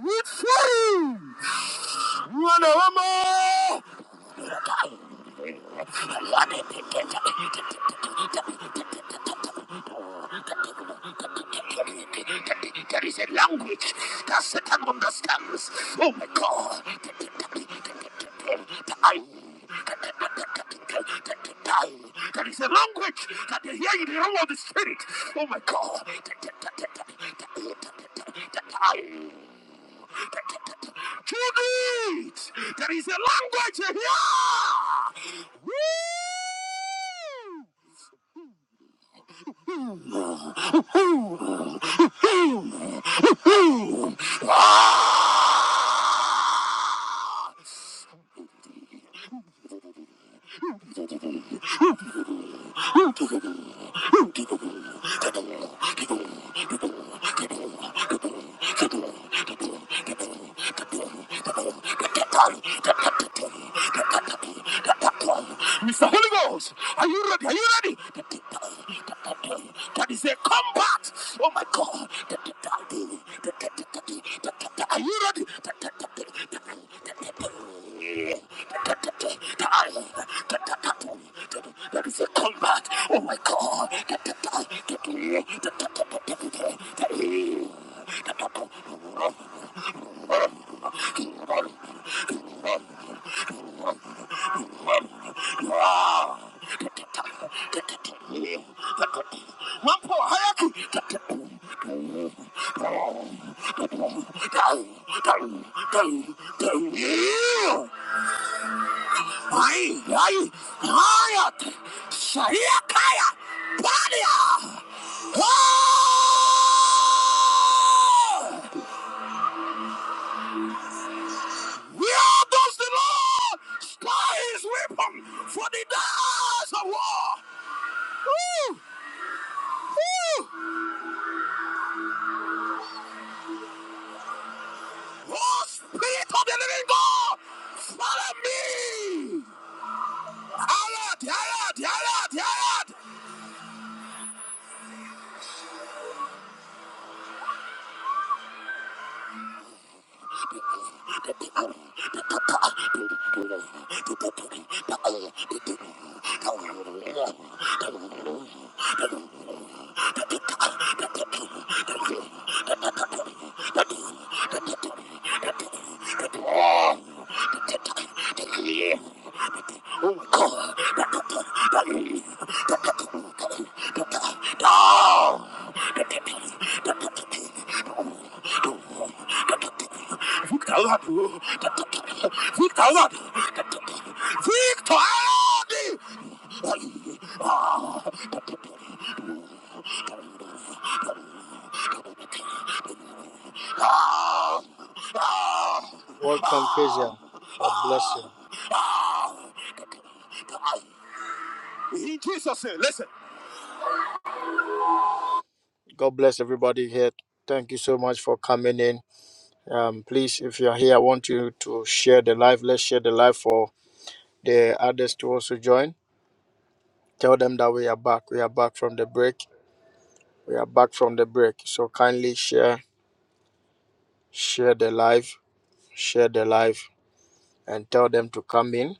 There is a language that Satan understands. Oh my God, time, time. There is a language that they hear in the realm of the spirit. Oh my God, time. Judith, there is a language here. Mr. Holy Ghost, are you ready? Are you ready? That is a combat. Oh my God. Are you ready? That is a combat. Oh my God. One poor hierarchy. Ay, ay, ayat, sayakaya, palia. Oh! We are those the Lord, scar his weapon for the days of war. Woo! Woo! Oh, Spirit of the living God, follow me. Ayat, ayat, ayat, ayat. Look out! Look out! Welcome, Kezia. God bless you. In Jesus' name, listen. God bless everybody here. Thank you so much for coming in. Um, please, if you're here, I want you to share the live. Let's share the live for the others to also join. Tell them that we are back. We are back from the break. We are back from the break. So kindly share, share the live, share the live, and tell them to come in.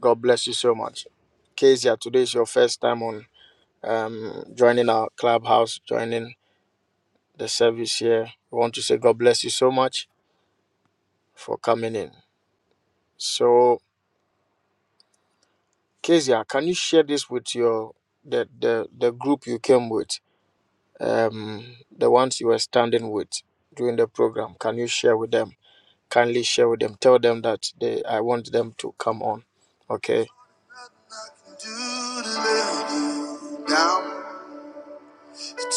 God bless you so much. Kezia, today is your first time on um, joining our clubhouse, joining the service here. We want to say God bless you so much for coming in. So, Kezia, can you share this with your the the, the group you came with, um, the ones you were standing with during the program? Can you share with them? Kindly share with them. Tell them that they I want them to come on. Okay.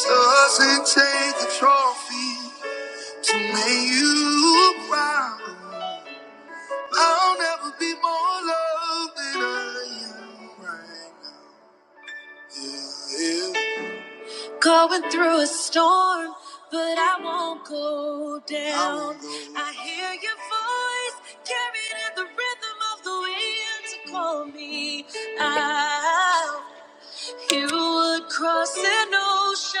doesn't take a trophy. To make you proud, I'll never be more loved than I am right now. Yeah, yeah. Going through a storm, but I won't go down. I, won't go I hear your voice carried in the rhythm of the wind to call me out. You would cross an ocean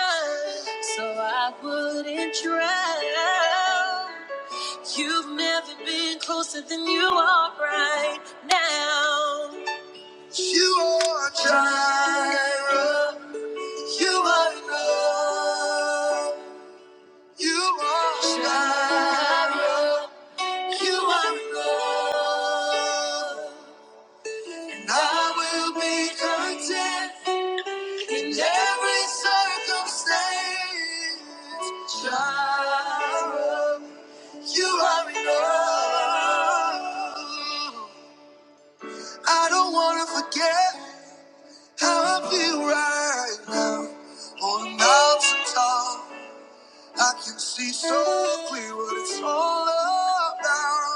so I wouldn't drown. You've never been closer than you are right now. You are Jireh. You are enough. You are Jireh. You are enough. And I will be content. In every circumstance, child, you are enough. I don't wanna forget how I feel right now. On a mountain top, I can see so clear what it's all about.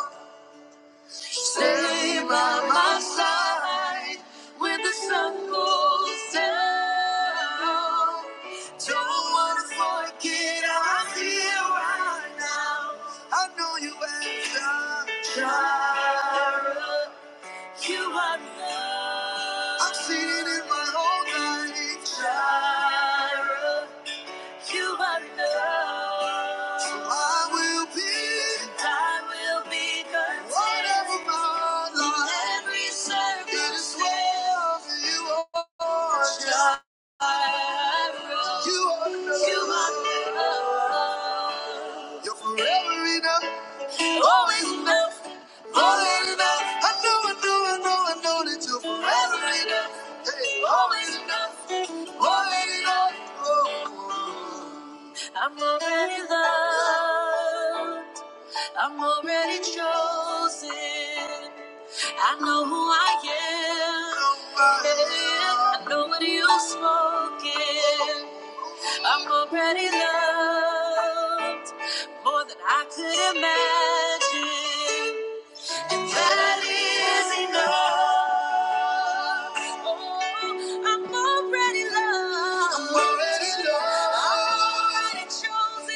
Stay by my side when the sun goes down. Don't wanna forget I'm here right now. I know you answer, Jireh. You are love. I'm singing in my own life, Jireh. You are love. So I will be. And I will be content. Whatever my life. In every circumstance. It is well for you are. Jireh. You are love. You are love. You're forever enough. Always enough. Always enough. I know, I know, I know, I know that you're forever enough. Hey, always enough. Always enough. Oh. I'm already loved. I'm already chosen. I know who I am. I know what you've spoken. I'm already loved more than I could imagine. And that is enough. Oh, I'm already loved. I'm already loved. I'm already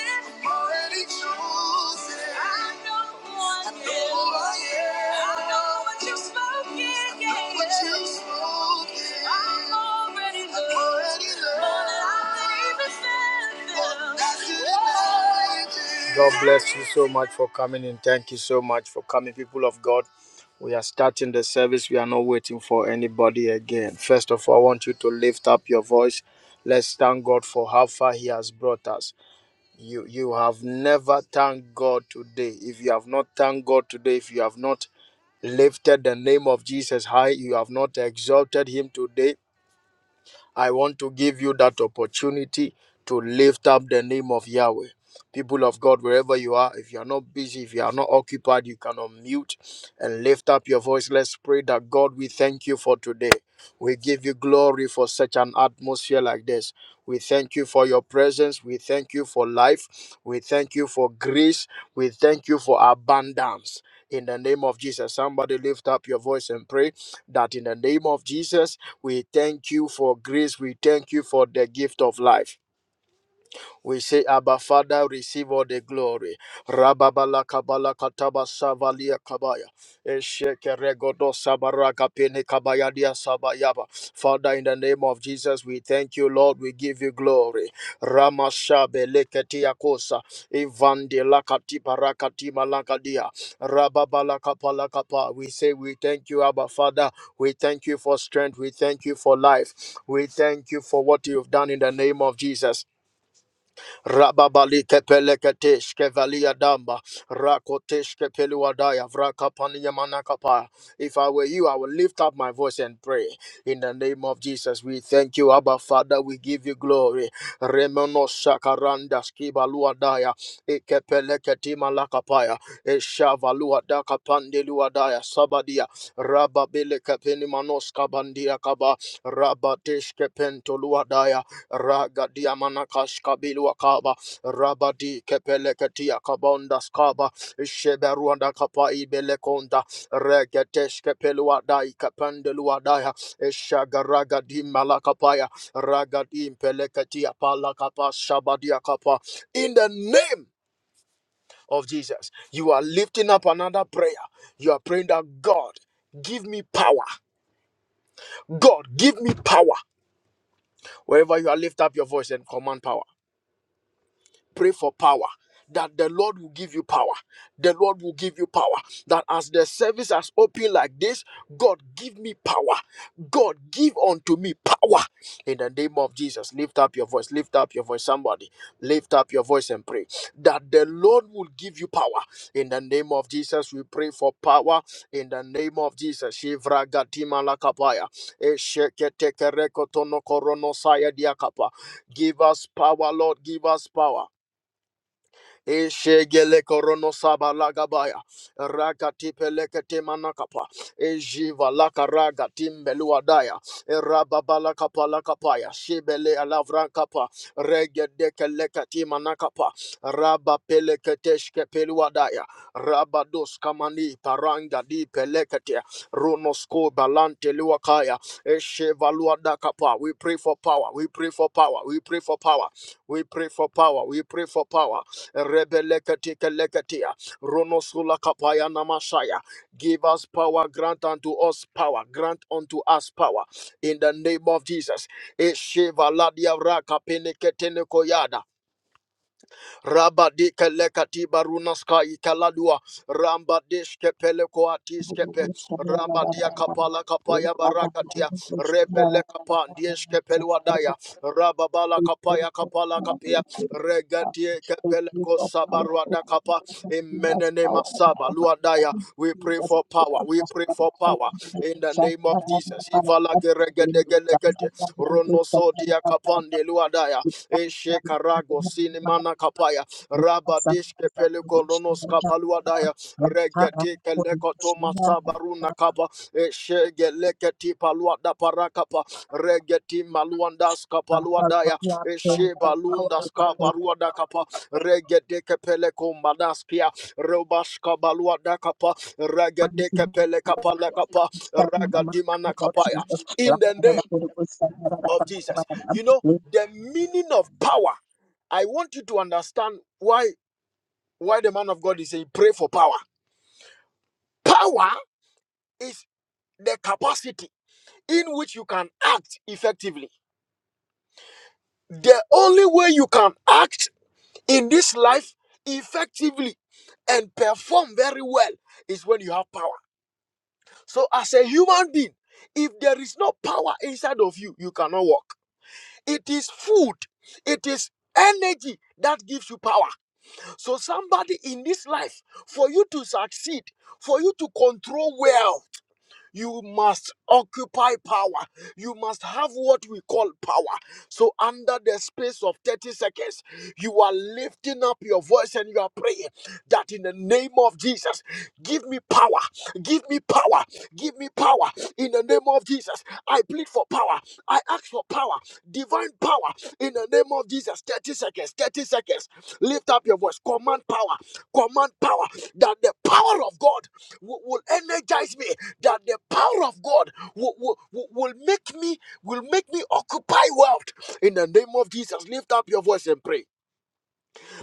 chosen already chosen. I know who I I know am. who I am. I know what you've spoken. I know yeah. what you've spoken. I'm already I'm loved. already loved. More than I could even fathom. More than I could imagine. God imagine. bless you so much for coming in. Thank you so much for coming, people of God. We are starting the service. We are not waiting for anybody again. First of all, I want you to lift up your voice. Let's thank God for how far He has brought us you you have never thanked god today if you have not thanked god today if you have not lifted the name of jesus high you have not exalted him today i want to give you that opportunity to lift up the name of yahweh People of God, wherever you are, if you are not busy, if you are not occupied, you can unmute and lift up your voice. Let's pray that God, we thank you for today. We give you glory for such an atmosphere like this. We thank you for your presence. We thank you for life. We thank you for grace. We thank you for abundance. In the name of Jesus, somebody lift up your voice and pray that in the name of Jesus, we thank you for grace. We thank you for the gift of life. We say, Abba Father, receive all the glory. Rababala kabala kataba savalia kabaya. Esheke regodo sabaraga pene kabaya dia sabayaba. Father, in the name of Jesus, we thank you, Lord. We give you glory. Ramashabe leketia kosa. Ivande lakati parakati malakadia. Rababala kapala kapa. We say, we thank you, Abba Father. We thank you for strength. We thank you for life. We thank you for what you've done in the name of Jesus. Rababalike peleketeshke valia damba. Rakoteshke peluadaya vrakapaniya manakapa. If I were you, I would lift up my voice and pray. In the name of Jesus, we thank you, Abba Father. We give you glory. Remono shakaranda skibaluadaya. Ikepeleketi malakapaya. Eshavaluadaka pandeluadaya sabadia. Rababelekepeni manoska bandia kaba. Rabateshke pentoluadaya. Ragadiamanakash Kabilua Kaba, Rabadi Kepelekatia Kabonda Skaba, Sheberuanda Kapa Ibelekonda, Regetesh Kepelua Dai Kapandelua Daya, Shagaragadi Malakapaya, Ragadi Pelekatia Palakapa Shabadia Kapa. In the name of Jesus, you are lifting up another prayer. You are praying that God, give me power. God, give me power. Wherever you are, lift up your voice and command power. pray for power that the Lord will give you power. The Lord will give you power. That as the service has opened like this, God give me power. God give unto me power. In the name of Jesus, lift up your voice. Lift up your voice, somebody. Lift up your voice and pray that the Lord will give you power. In the name of Jesus, we pray for power. In the name of Jesus, Shivra Gatima Lakapaya. Esheketekereko tono korono saya diakapa. Give us power, Lord. Give us power. Eshegele korono saba lagabaya. Rakati pelekete manakapa. Ejiva lakaraga timbeluadaya. Erababa lakapa lakapaya. Shibele alavra kapa. Regede manakapa. Raba pelekete shkepeluadaya. Rabados kamani paranga di pelekete. Runosko balante luakaya. Eshevaluada kapa. We pray for power. We pray for power. We pray for power. We pray for power. We pray for power. Rebelekatika lekatia. Ronosula kapaya namashaya. Give us power, grant unto us power, grant unto us power. In the name of Jesus. Eshiva ladia raka peneketene koyada. Rabadika lekati barunaska ikaladua. Rambadishke peleko atiskepe. Thank Rabadia kapala kapaya barakatia. Rebele kapa peluadaya. Rababala kapaya kapala kapia. Regatie kepeleko sabaruada kapa. Imenene masaba luadaya. We pray for power. We pray for power in the name of Jesus. Ivala geregedegelegede. Ronoso dia kapande luadaya. Eshe karago sinimana kapaya. Rabadish kepele kolonos kabaluadaya. Regeti keleko toma you. sabaruna kapa. Eshe geleketi paluada parakapa. Regeti maluandas Father, Lord, kapaluadaya. we are praying Eshe for power, we balundas are praying kabaruada kapa. Regede kepele kombadaspia. Robash kabaluada kapa. for mighty Regede name kepele of kapala our kapa. country, in the mighty Ragadimana name of kapaya. Jesus. La, In the da, da, name da, Holy Ghost, da, da, da, da, of da, Jesus. da, da, You know, da. the meaning of power. I want you to understand why why the man of God is saying pray for power. Power is the capacity in which you can act effectively. The only way you can act in this life effectively and perform very well is when you have power. So as a human being, if there is no power inside of you, you cannot walk. It is food, it is energy that gives you power. So, somebody in this life, for you to succeed, for you to control well, you must occupy power. You must have what we call power. So, under the space of 30 seconds, you are lifting up your voice and you are praying that in the name of Jesus, give me power, give me power, give me power. In the name of Jesus, I plead for power. I ask for power, divine power. In the name of Jesus, 30 seconds, 30 seconds. Lift up your voice, command power, command power that the power of God will, will energize me that the power of God will, will, will will make me will make me occupy wealth in the name of Jesus. Lift up your voice and pray.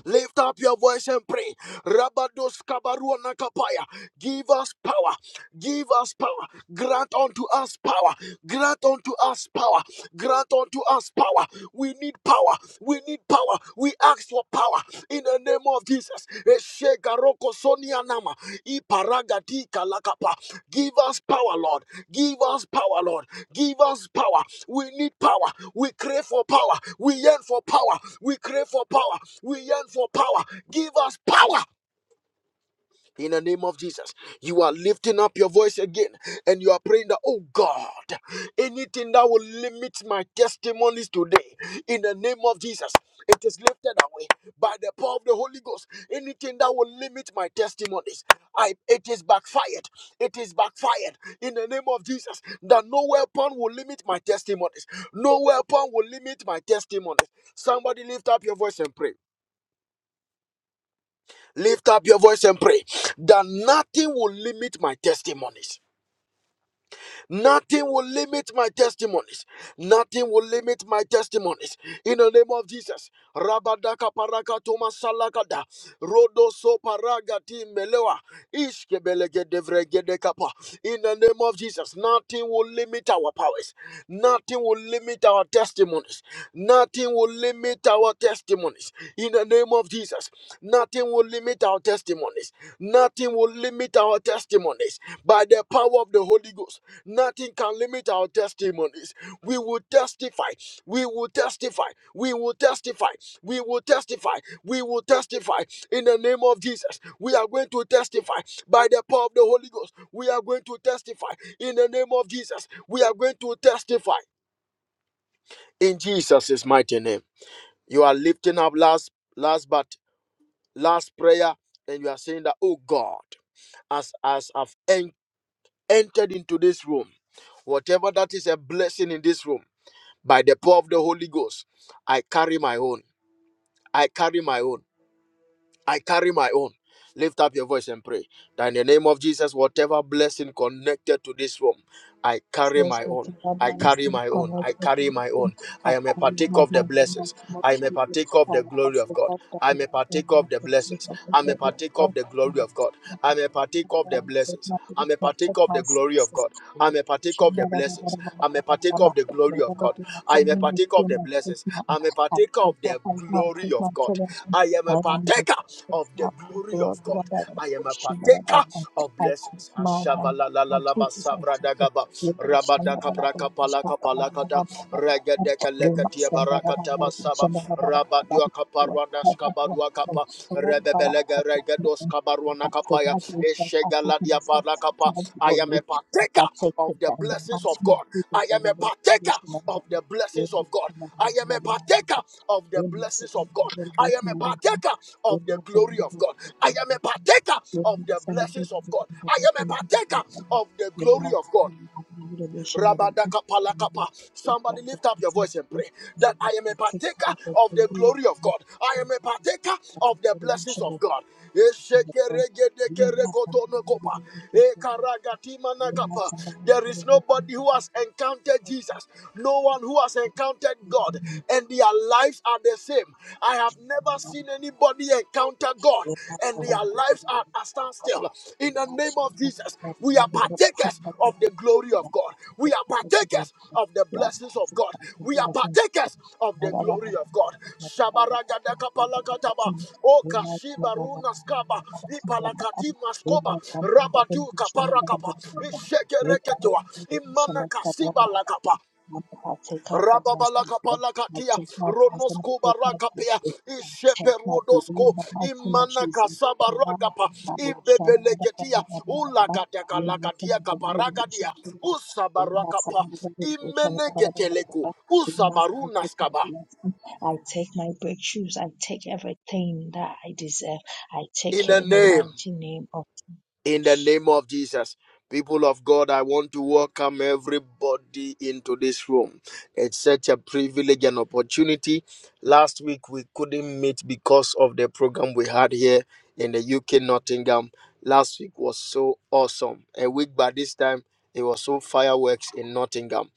Lift up your voice and pray. Rabados kabaruana kapaya. Give us power. Give us power. Grant unto us power. Grant unto us power. Grant unto us power. We need power. We need power. We ask for power in the name of Jesus. Eshegaroko sonianama, iparagati kalakapa. Give us power, Lord. Give us power, Lord. Give us power. We need power. We crave for power. We yearn for power. We crave for power. We yearn for power. Give us power in the name of Jesus. You are lifting up your voice again and you are praying that, oh God, anything that will limit my testimonies today, in the name of Jesus, it is lifted away by the power of the Holy Ghost. Anything that will limit my testimonies, I, it is backfired. It is backfired in the name of Jesus. That no weapon will limit my testimonies. No weapon will limit my testimonies. Somebody lift up your voice and pray. Lift up your voice and pray that nothing will limit my testimonies Nothing will limit my testimonies. Nothing will limit my testimonies. In the name of Jesus. Rabadaka paraka toma salakada. Rodo so paragati melewa. Ishke devregede kapa. In the name of Jesus. Nothing will limit our powers. Nothing will limit our testimonies. Nothing will limit our testimonies. In the name of Jesus. Nothing will limit our testimonies. Nothing will limit our testimonies by the power of the Holy Ghost. Nothing can limit our testimonies. We will testify. We will testify. We will testify. We will testify. We will testify in the name of Jesus. We are going to testify by the power of the Holy Ghost. We are going to testify in the name of Jesus. We are going to testify in Jesus' mighty name. You are lifting up last, last but last prayer, and you are saying that, oh God, as as I've entered entered into this room, whatever that is a blessing in this room, by the power of the Holy Ghost, I carry my own. I carry my own. I carry my own. Lift up your voice and pray. That in the name of Jesus, whatever blessing connected to this room, I carry says my what the own. I Bible has carry in my own. commerce I with carry my anything own. that I I am a partaker have of the in blessings. much more I am a children partaker of the and glory as of the God. fact that we I'm a are going partaker to of the proceed blessings. of the I'm a body partaker of of the glory of God. I'm a partaker of the said blessings. not to I'm a accept partaker of my the glory of success. God. I'm a partaker I am of the blessings the blessings. I'm a partaker of the glory of God. I am a partaker of the blessings. I'm a partaker of the I glory of God. I am a partaker of the glory of God. I am a partaker of take blessings. my number Lord Ashavalalalalaba Jesus, I take it. sabradagaba, Leba shanda ba ba ba ba shaka ba ba ba rabadakabrakapalakapalakata, ba ba ba. Leba shanda ba ba ba regedekeleketiabarakataba ba saba, shanda ba ba ba ba ba. Lord, I have rabadiokaparwanaskabaruabalakata. lost them. Duakapa, Lord, God, I Rebebelega have taken my Regados own. Kabarwana I take Kapaya, my myself, I take Eshegaladia myself, I Parakapa. take my I am a glory. If I partaker take of it the by the blessings mighty of name of God. Jesus, I we am will a not be partaker ashamed of of them. the blessings Leba of God. shanda ba I am ba a ba partaker of the Leba blessings shanda of God. ba ba ba ba I am a shanda partaker Leba shanda ba ba ba ba shanda Leba shanda ba ba of the ba glory of God. I am a partaker of the blessings of God. I ba am a shanda partaker of the the glory amount of of God. money I can get away from that is not Rabadakapalakapa. enough to pay for Somebody the lift up your things voice I and do. pray the that need I am a to take care partaker of the of the people I glory of God. love. I I am a have to take partaker care of of the the blessings relation of that I God. have with them. You don't have time to have a Eshekeregedekerekotonokopa. good relation with them. You don't have Ekaragatimanakapa. time to have a There good is relation nobody with who them. has You encountered don't have time Jesus, to no have one who has encountered God, a and their lives are the same. I have good never seen relation with them. anybody encounter God Thank and their lives are at standstill. In the name of Jesus, we are partakers of the glory of God. We are partakers of the blessings of God. We are partakers of the glory of God. Shabaragadakapalakataba, Okashibarunaskaba, Ipalakatimaskoba, Rabadu kaparakapa, Ishegereketua, you. Imanakasibalakapa. Lord, I take out the blessing of I Rababalakapalakatia, take my blessing, I Ronosko take my Barakapia, victory, I take my glory in Isheperudosko, the mighty name of Imanaka Jesus. Power, Sabaragapa, power, shine, and the Ibebeleketia, power of the Lord. Ulagataka You must Lagadia never be able to shine Kaparagadia, the light. You must Usabarakapa, never be able to shine Imeneketeleku, You must never take my Usabarunaskaba. blessing. I take my breakthroughs. I take everything that I deserve. I In take it the in the name. mighty name of in the Jesus. name of Jesus. People of God, I want to welcome everybody into this room. It's such a privilege and opportunity. Last week we couldn't meet because of the program we had here in the UK, Nottingham. Last week was so awesome. A week by this time, it was so fireworks in Nottingham.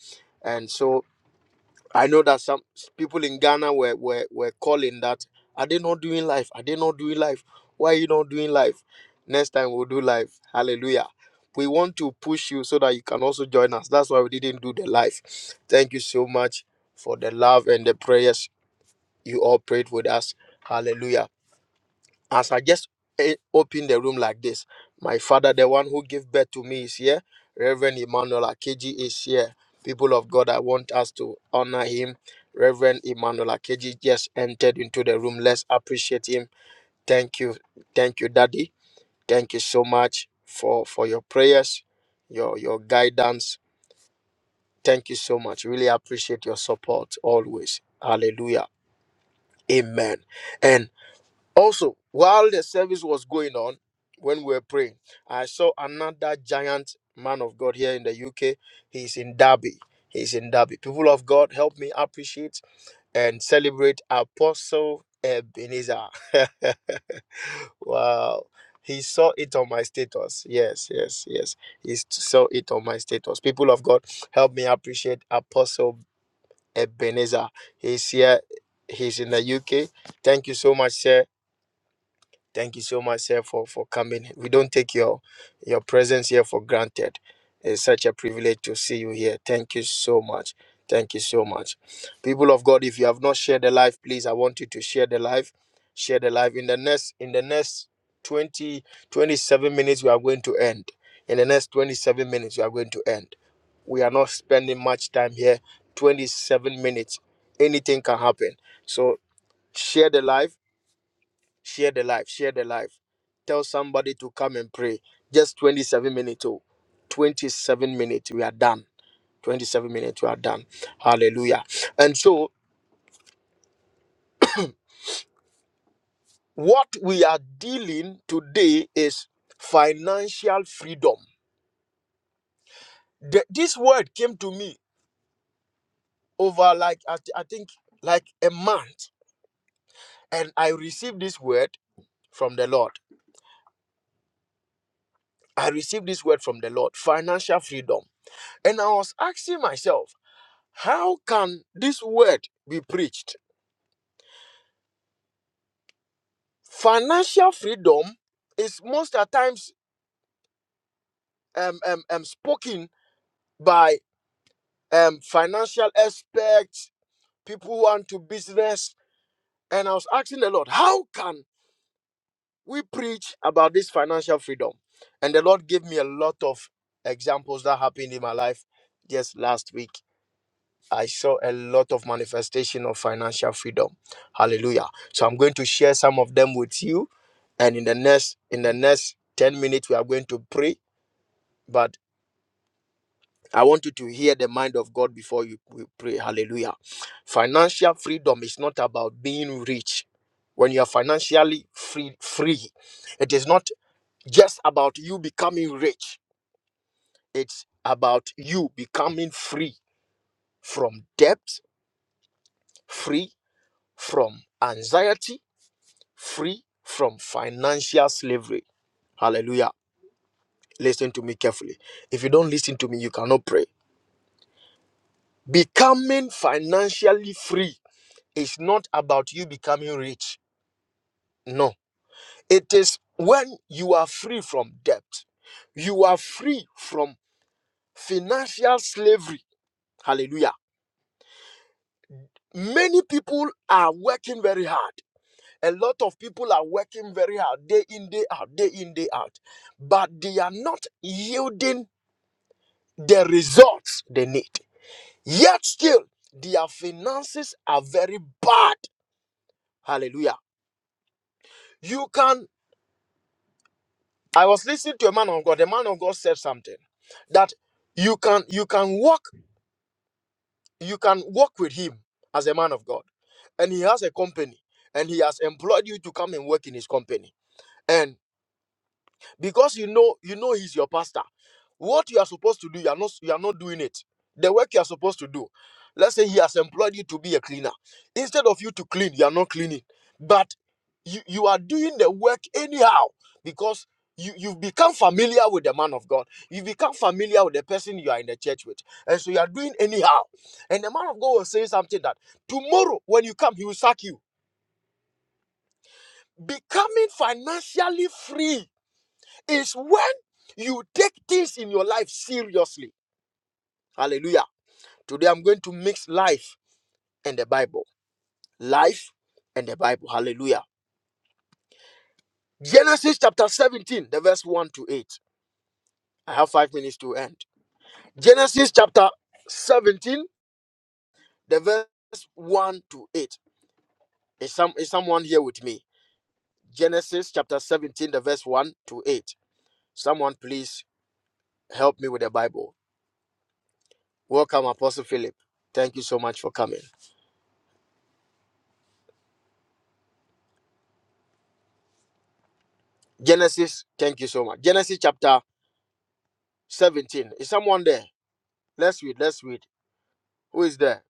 And so I know that some s- people in Ghana were, were, were calling that, are they not doing life? Are they not doing life? Why are you not doing life? Next time we'll do life. Hallelujah. We want to push you so that you can also join us. That's why we didn't do the life. Thank you so much for the love and the prayers you all prayed with us. Hallelujah as I just eh, open the room like this, my father, the one who gave birth to me, is here. Reverend Emmanuel Akeji is here. People of God, I want us to honor him. Reverend Emmanuel Akeji just entered into the room. Let's appreciate him. Thank you. Thank you, Daddy. Thank you so much for, for your prayers, your, your guidance. Thank you so much. Really appreciate your support always. Hallelujah. Amen. And also, while the service was going on, when we were praying, I saw another giant man of God here in the UK. He's in Derby. He's in Derby. People of God, help me appreciate and celebrate Apostle Ebenezer. wow. He saw it on my status. Yes, yes, yes. He s- saw it on my status. People of God, help me appreciate Apostle Ebenezer. He's here. He's in the UK. Thank you so much, sir Thank you so much, sir, for, for coming. We don't take your your presence here for granted. It's such a privilege to see you here. Thank you so much. Thank you so much. People of God, if you have not shared the life, please, I want you to share the life. Share the life. In the next, in the next 20 27 minutes, we are going to end. In the next 27 minutes, we are going to end. We are not spending much time here. 27 minutes. Anything can happen. So share the life Share the life, share the life. Tell somebody to come and pray. Just 27 minutes. Oh, 27 minutes. We are done. 27 minutes. We are done. Hallelujah. And so, what we are dealing today is financial freedom. The- this word came to me over like, I, thi- I think, like a month. And I received this word from the Lord. I received this word from the Lord financial freedom. And I was asking myself, How can this word be preached? Financial freedom is most at times um, um, um, spoken by um, financial experts, people who are into business. And I was asking the Lord, how can we preach about this financial freedom? And the Lord gave me a lot of examples that happened in my life just last week. I saw a lot of manifestation of financial freedom. Hallelujah. So I'm going to share some of them with you. And in the next in the next 10 minutes, we are going to pray. But I want you to hear the mind of God before you we pray. Hallelujah. Financial freedom is not about being rich. When you are financially free, free, it is not just about you becoming rich. It's about you becoming free from debt, free from anxiety, free from financial slavery. Hallelujah. Listen to me carefully. If you don't listen to me, you cannot pray. Becoming financially free is not about you becoming rich. No. It is when you are free from debt, you are free from financial slavery. Hallelujah. Many people are working very hard. A lot of people are working very hard, day in, day out, day in, day out, but they are not yielding the results they need. Yet still, their finances are very bad. Hallelujah. You can, I was listening to a man of God. The man of God said something that you can you can walk, you can walk with him as a man of God. And he has a company and he has employed you to come and work in his company. because you know you know he's your pastor what you are supposed to do you are not you are not doing it the work you are supposed to do let's say he has employed you to be a cleaner instead of you to clean you are not cleaning but you you are doing the work anyhow because you, you've become familiar with the man of God. You've become familiar with the person you are in the church with. And so you are doing anyhow. And the man of God was saying something that tomorrow when you come, he will sack you. Becoming financially free is when you take things in your life seriously. Hallelujah. Today I'm going to mix life and the Bible. Life and the Bible. Hallelujah. Genesis chapter 17, the verse 1 to 8. I have five minutes to end. Genesis chapter 17, the verse 1 to 8. Is, some, is someone here with me? Genesis chapter 17, the verse 1 to 8. Someone please help me with the Bible. Welcome, Apostle Philip. Thank you so much for coming. Genesis, thank you so much. Genesis chapter 17. Is someone there? Let's read, let's read. Who is there?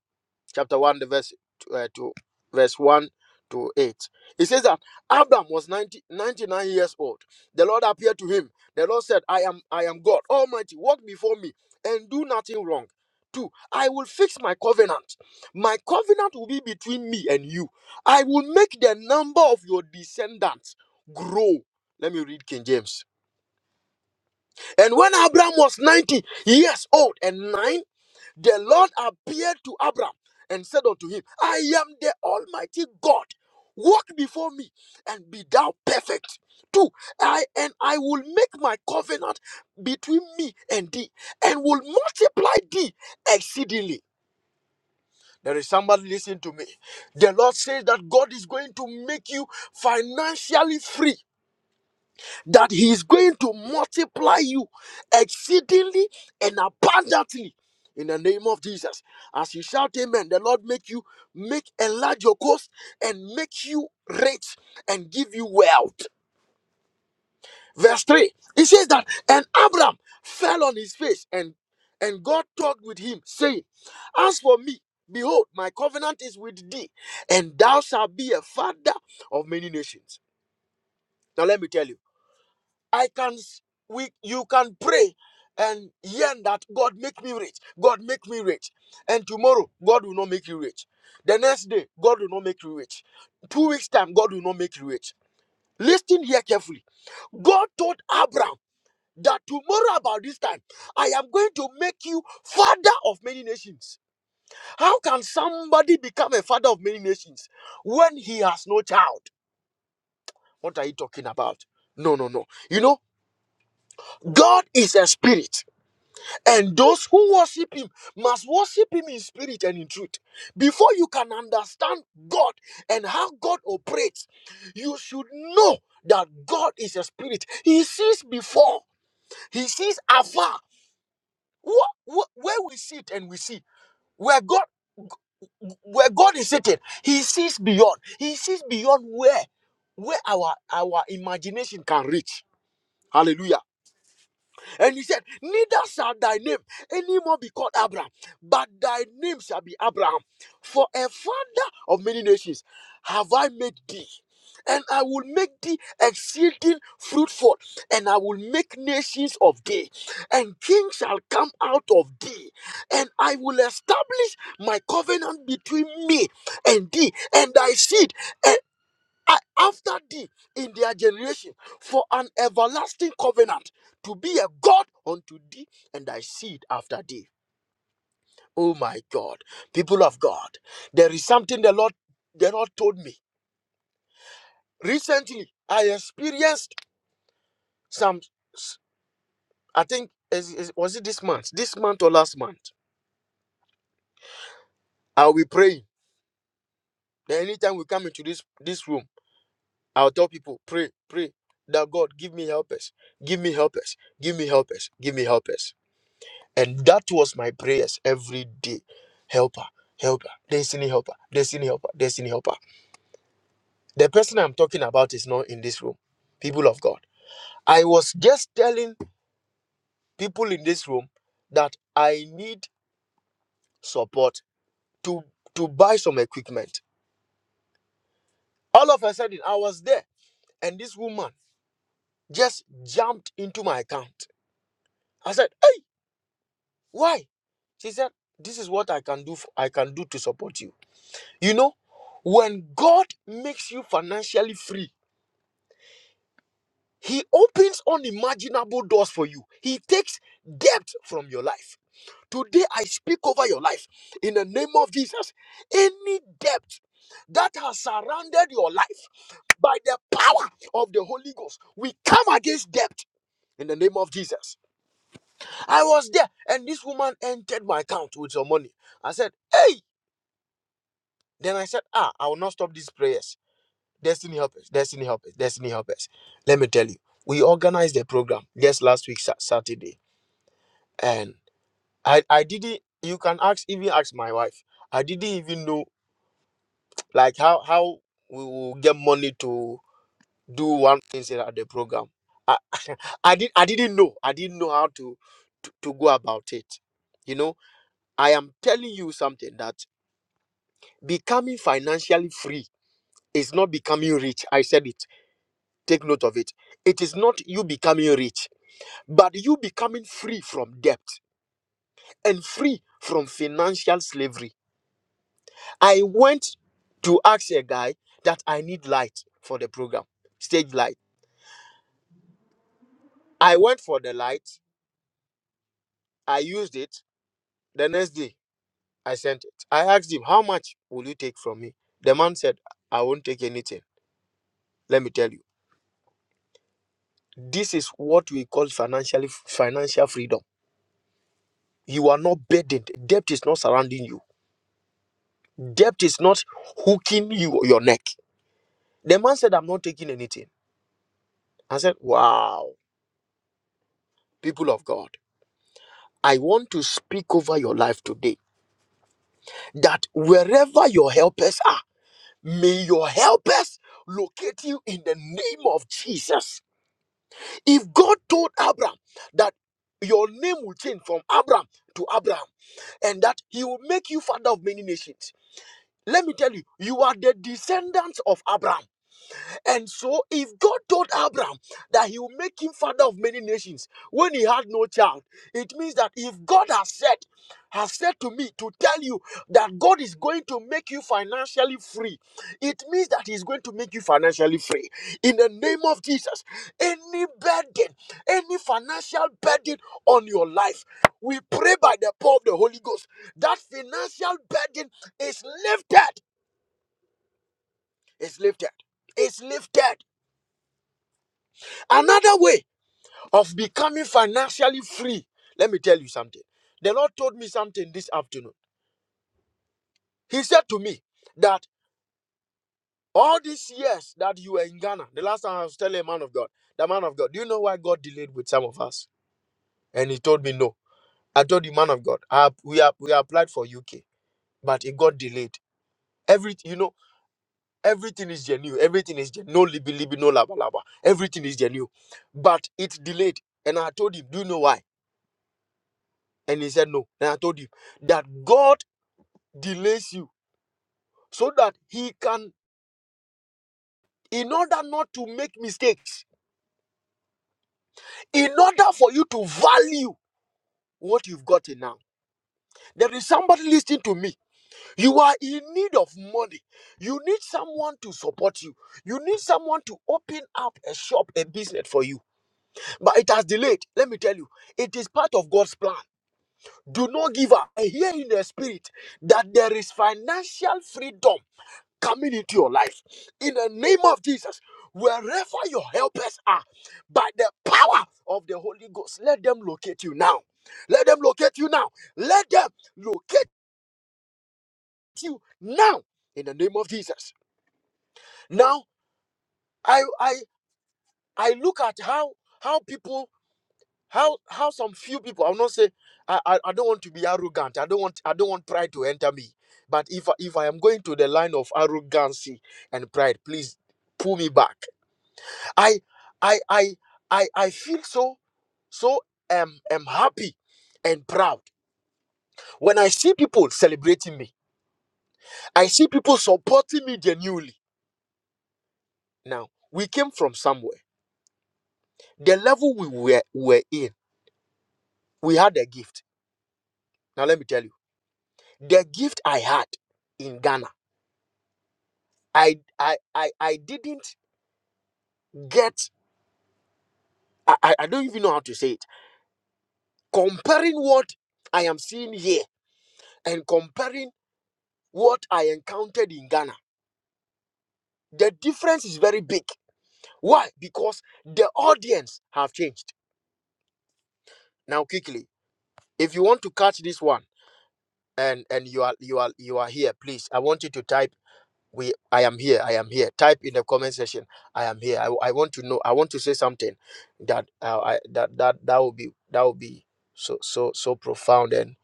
Chapter 1, the verse uh, to verse 1 to 8. It says that Abram was 90, 99 years old. The Lord appeared to him. The Lord said, I am I am God Almighty. Walk before me and do nothing wrong. Two, I will fix my covenant. My covenant will be between me and you. I will make the number of your descendants grow. Let me read King James. And when Abraham was 90 years old and nine, the Lord appeared to Abraham and said unto him, I am the Almighty God. Walk before me and be thou perfect. Two, I and I will make my covenant between me and thee and will multiply thee exceedingly. There is somebody listening to me. The Lord says that God is going to make you financially free that he is going to multiply you exceedingly and abundantly in the name of Jesus. As you shout amen, the Lord make you make enlarge your coast and make you rich and give you wealth. Verse 3. It says that and Abram fell on his face and and God talked with him, saying, As for me, behold, my covenant is with thee, and thou shalt be a father of many nations. Now let me tell you. I can s- we you can pray and yearn that God make me rich. God make me rich. And tomorrow God will not make you rich. The next day God will not make you rich. 2 weeks time God will not make you rich. Listen here carefully. God told Abraham that tomorrow about this time I am going to make you father of many nations. How can somebody become a father of many nations when he has no child? What are you talking about? No, no, no. You know, God is a spirit. And those who worship him must worship him in spirit and in truth. Before you can understand God and how God operates, you should know that God is a spirit. He sees before, he sees afar. What, where we sit and we see, where God where God is sitting, he sees beyond. He sees beyond where where our our imagination can reach. Hallelujah. And he said, Neither shall thy name anymore be called Abraham, but thy name shall be Abraham. For a father of many nations have I made thee. And I will make thee exceeding fruitful, and I will make nations of thee, and kings shall come out of thee. And I will establish my covenant between me and thee, and thy seed. and I, after thee in their generation for an everlasting covenant to be a God unto thee and thy seed after thee. Oh my God, people of God, there is something the Lord the Lord told me recently. I experienced some. s- I think is- is- was it this month, this month or last month. I'll be praying. Then anytime we come into this this room, I'll tell people pray, pray that God give me helpers, give me helpers, give me helpers, give me helpers And that was my prayers every day. Helper, helper, destiny helper, destiny helper, destiny helper. The person I'm talking about is not in this room, people of God. I was just telling people in this room that I need support to, to buy some equipment. All of a sudden, I was there, and this woman just jumped into my account. I said, Hey, why? She said, This is what I can do for, I can do to support you. You know, when God makes you financially free, He opens unimaginable doors for you. He takes debt from your life. Today, I speak over your life in the name of Jesus. Any debt that has surrounded your life by the power of the Holy Ghost, we come against debt in the name of Jesus. I was there, and this woman entered my account with some money. I said, Hey, then I said, Ah, I will not stop these prayers. Destiny helpers, destiny helpers, destiny helpers. Let me tell you, we organized the program just last week Sa- Saturday, and I I didn't. You can ask even ask my wife. I didn't even know like how how we will get money to do one thing at the program. I I did I didn't know. I didn't know how to, to to go about it. You know, I am telling you something that becoming financially free is not becoming rich. I said it. Take note of it. It is not you becoming rich But you becoming free from debt and free from financial slavery. I went to ask a guy that I need light for the program, stage light. I went for the light, I used it. The next day, I sent it. I asked him, How much will you take from me? The man said, I won't take anything. Let me tell you, this is what we call financially financial freedom. You are not burdened. Debt is not surrounding you. Debt is not hooking you your neck. The man said, I'm not taking anything. I said, Wow, people of God, I want to speak over your life today that wherever your helpers are, may your helpers locate you in the name of Jesus. If God told Abraham that your name will change from Abraham to Abraham and that he will make you father of many nations, let me tell you, you are the descendants of Abraham. And so, if God told Abraham that he will make him father of many nations when he had no child, it means that if God has said, has said to me to tell you that God is going to make you financially free, it means that He's going to make you financially free. In the name of Jesus, any burden, any financial burden on your life, we pray by the power of the Holy Ghost that financial burden is lifted, is lifted, is lifted. Another way. of becoming financially free. Let me tell you something. The Lord told me something this afternoon. He said to me that all these years that you were in Ghana, the last time I was telling a man of God, the man of God, do you know why God delayed with some of us? And he told me no. I told the man of God, I, we are, we applied for UK, but it got delayed. Everything, you know, everything is genuine. Everything is genuine. No libi libi, no laba laba. Everything is genuine, but it delayed. And I told him, do you know why? And he said no. And I told him that God delays you so that he can in order not to make mistakes in order for you to value what you've gotten now there is somebody listening to me you are in need of money you need someone to support you you need someone to open up a shop a business for you but it has delayed let me tell you it is part of god's plan do not give up i hear in the spirit that there is financial freedom coming into your life. In the name of Jesus, wherever your helpers are, by the power of the Holy Ghost, let them locate you now. Let them locate you now. Let them locate you now. In the name of Jesus. Now, I I I look at how how people how how some few people. i will not say I, I I don't want to be arrogant. I don't want I don't want pride to enter me. But if I- if I am going to the line of arrogancy and pride, please pull me back I I I I I feel so so um am happy and proud when I see people celebrating me. I see people supporting me genuinely. Now we came from somewhere. The level we were were in, we had a gift. Now let me tell you, the gift I had in Ghana, I I I, I didn't get. I, I I don't even know how to say it. Comparing what I am seeing here and comparing what I encountered in Ghana. The difference is very big. Why? Because the audience have changed. Now, quickly, if you want to catch this one and and you are you are you are here, please. I want you to type we I am here, I am here. Type in the comment section, I am here. I, I want to know, I want to say something that uh, I that that that will be that will be so so so profound and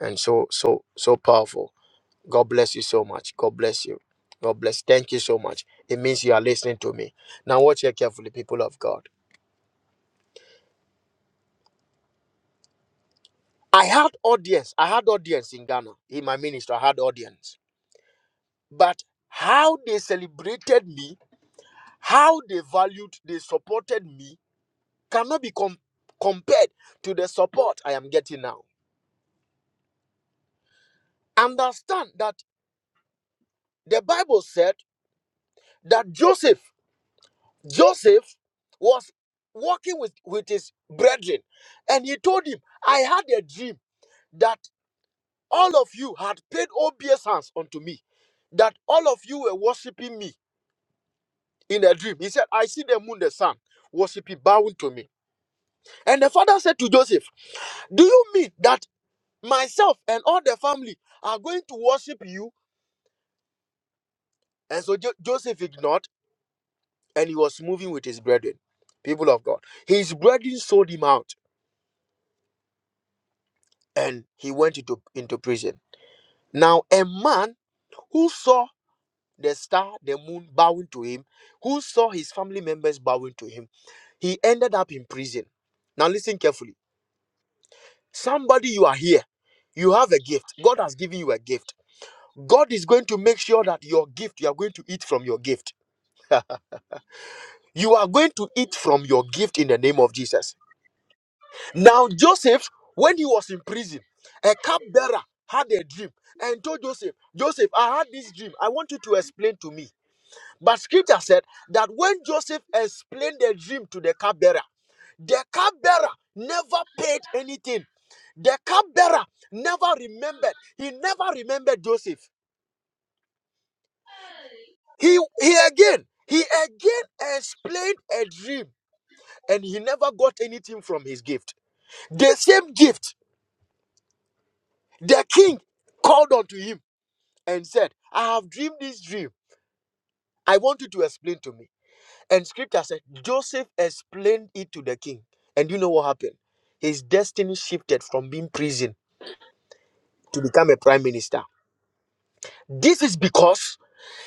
and so so so powerful. God bless you so much. God bless you. God bless. Thank you so much. It means you are listening to me. Now watch here carefully, people of God. I had audience. I had audience in Ghana in my ministry. I had audience. But how they celebrated me, how they valued, they supported me cannot be com- compared to the support I am getting now. Understand that the Bible said that Joseph, Joseph was walking with, with his brethren, and he told him, I had a dream that all of you had paid obeisance unto me, that all of you were worshiping me. in a dream. He said, I see the moon, the sun, worship it bowing to me. And the father said to Joseph, Do you mean that myself and all the family are going to worship you? And so Jo- Joseph ignored and he was moving with his brethren, people of God. His brethren sold him out and he went into, into prison. Now, a man who saw the star, the moon bowing to him, who saw his family members bowing to him, he ended up in prison. Now, listen carefully Somebody, you are here. You have a gift. God has given you a gift. God is going to make sure that your gift, you are going to eat from your gift. You are going to He eat was from your gift in the name of Jesus. also a member Now, Joseph, when he was in prison, a cupbearer had a dream and told Joseph, Joseph, I had this dream. I want you to explain to me. But scripture said that when Joseph explained the dream to the cupbearer, the cupbearer never paid anything. The cupbearer never remembered. He never remembered Joseph. of the Society He he again, he again explained a dream and he never got anything from his gift. The same gift, the king called unto him and said, I have dreamed this dream. I want you to explain to me. And scripture said Joseph explained it to the king. And you know what happened? His destiny shifted from being prison of to Antiquarians. become a prime minister. This is because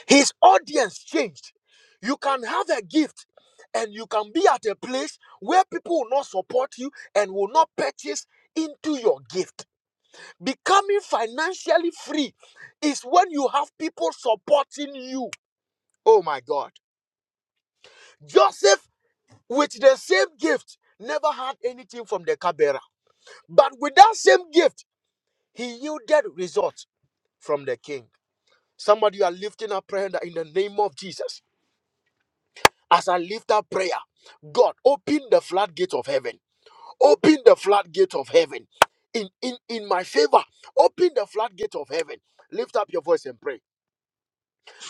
his audience changed. You can have a gift and you can be at a place where people will not support you and will not purchase into your gift. Becoming financially free is when you have people supporting you. Oh my God. Joseph with the same gift never had anything from the cup But with that same gift, he yielded results from the king. Somebody you are lifting up prayer that in the name of Jesus. As I lift up prayer, God, open the floodgate of heaven. Open the floodgate of heaven. In, in, in my favor, open the floodgate of heaven. Lift up your voice and pray.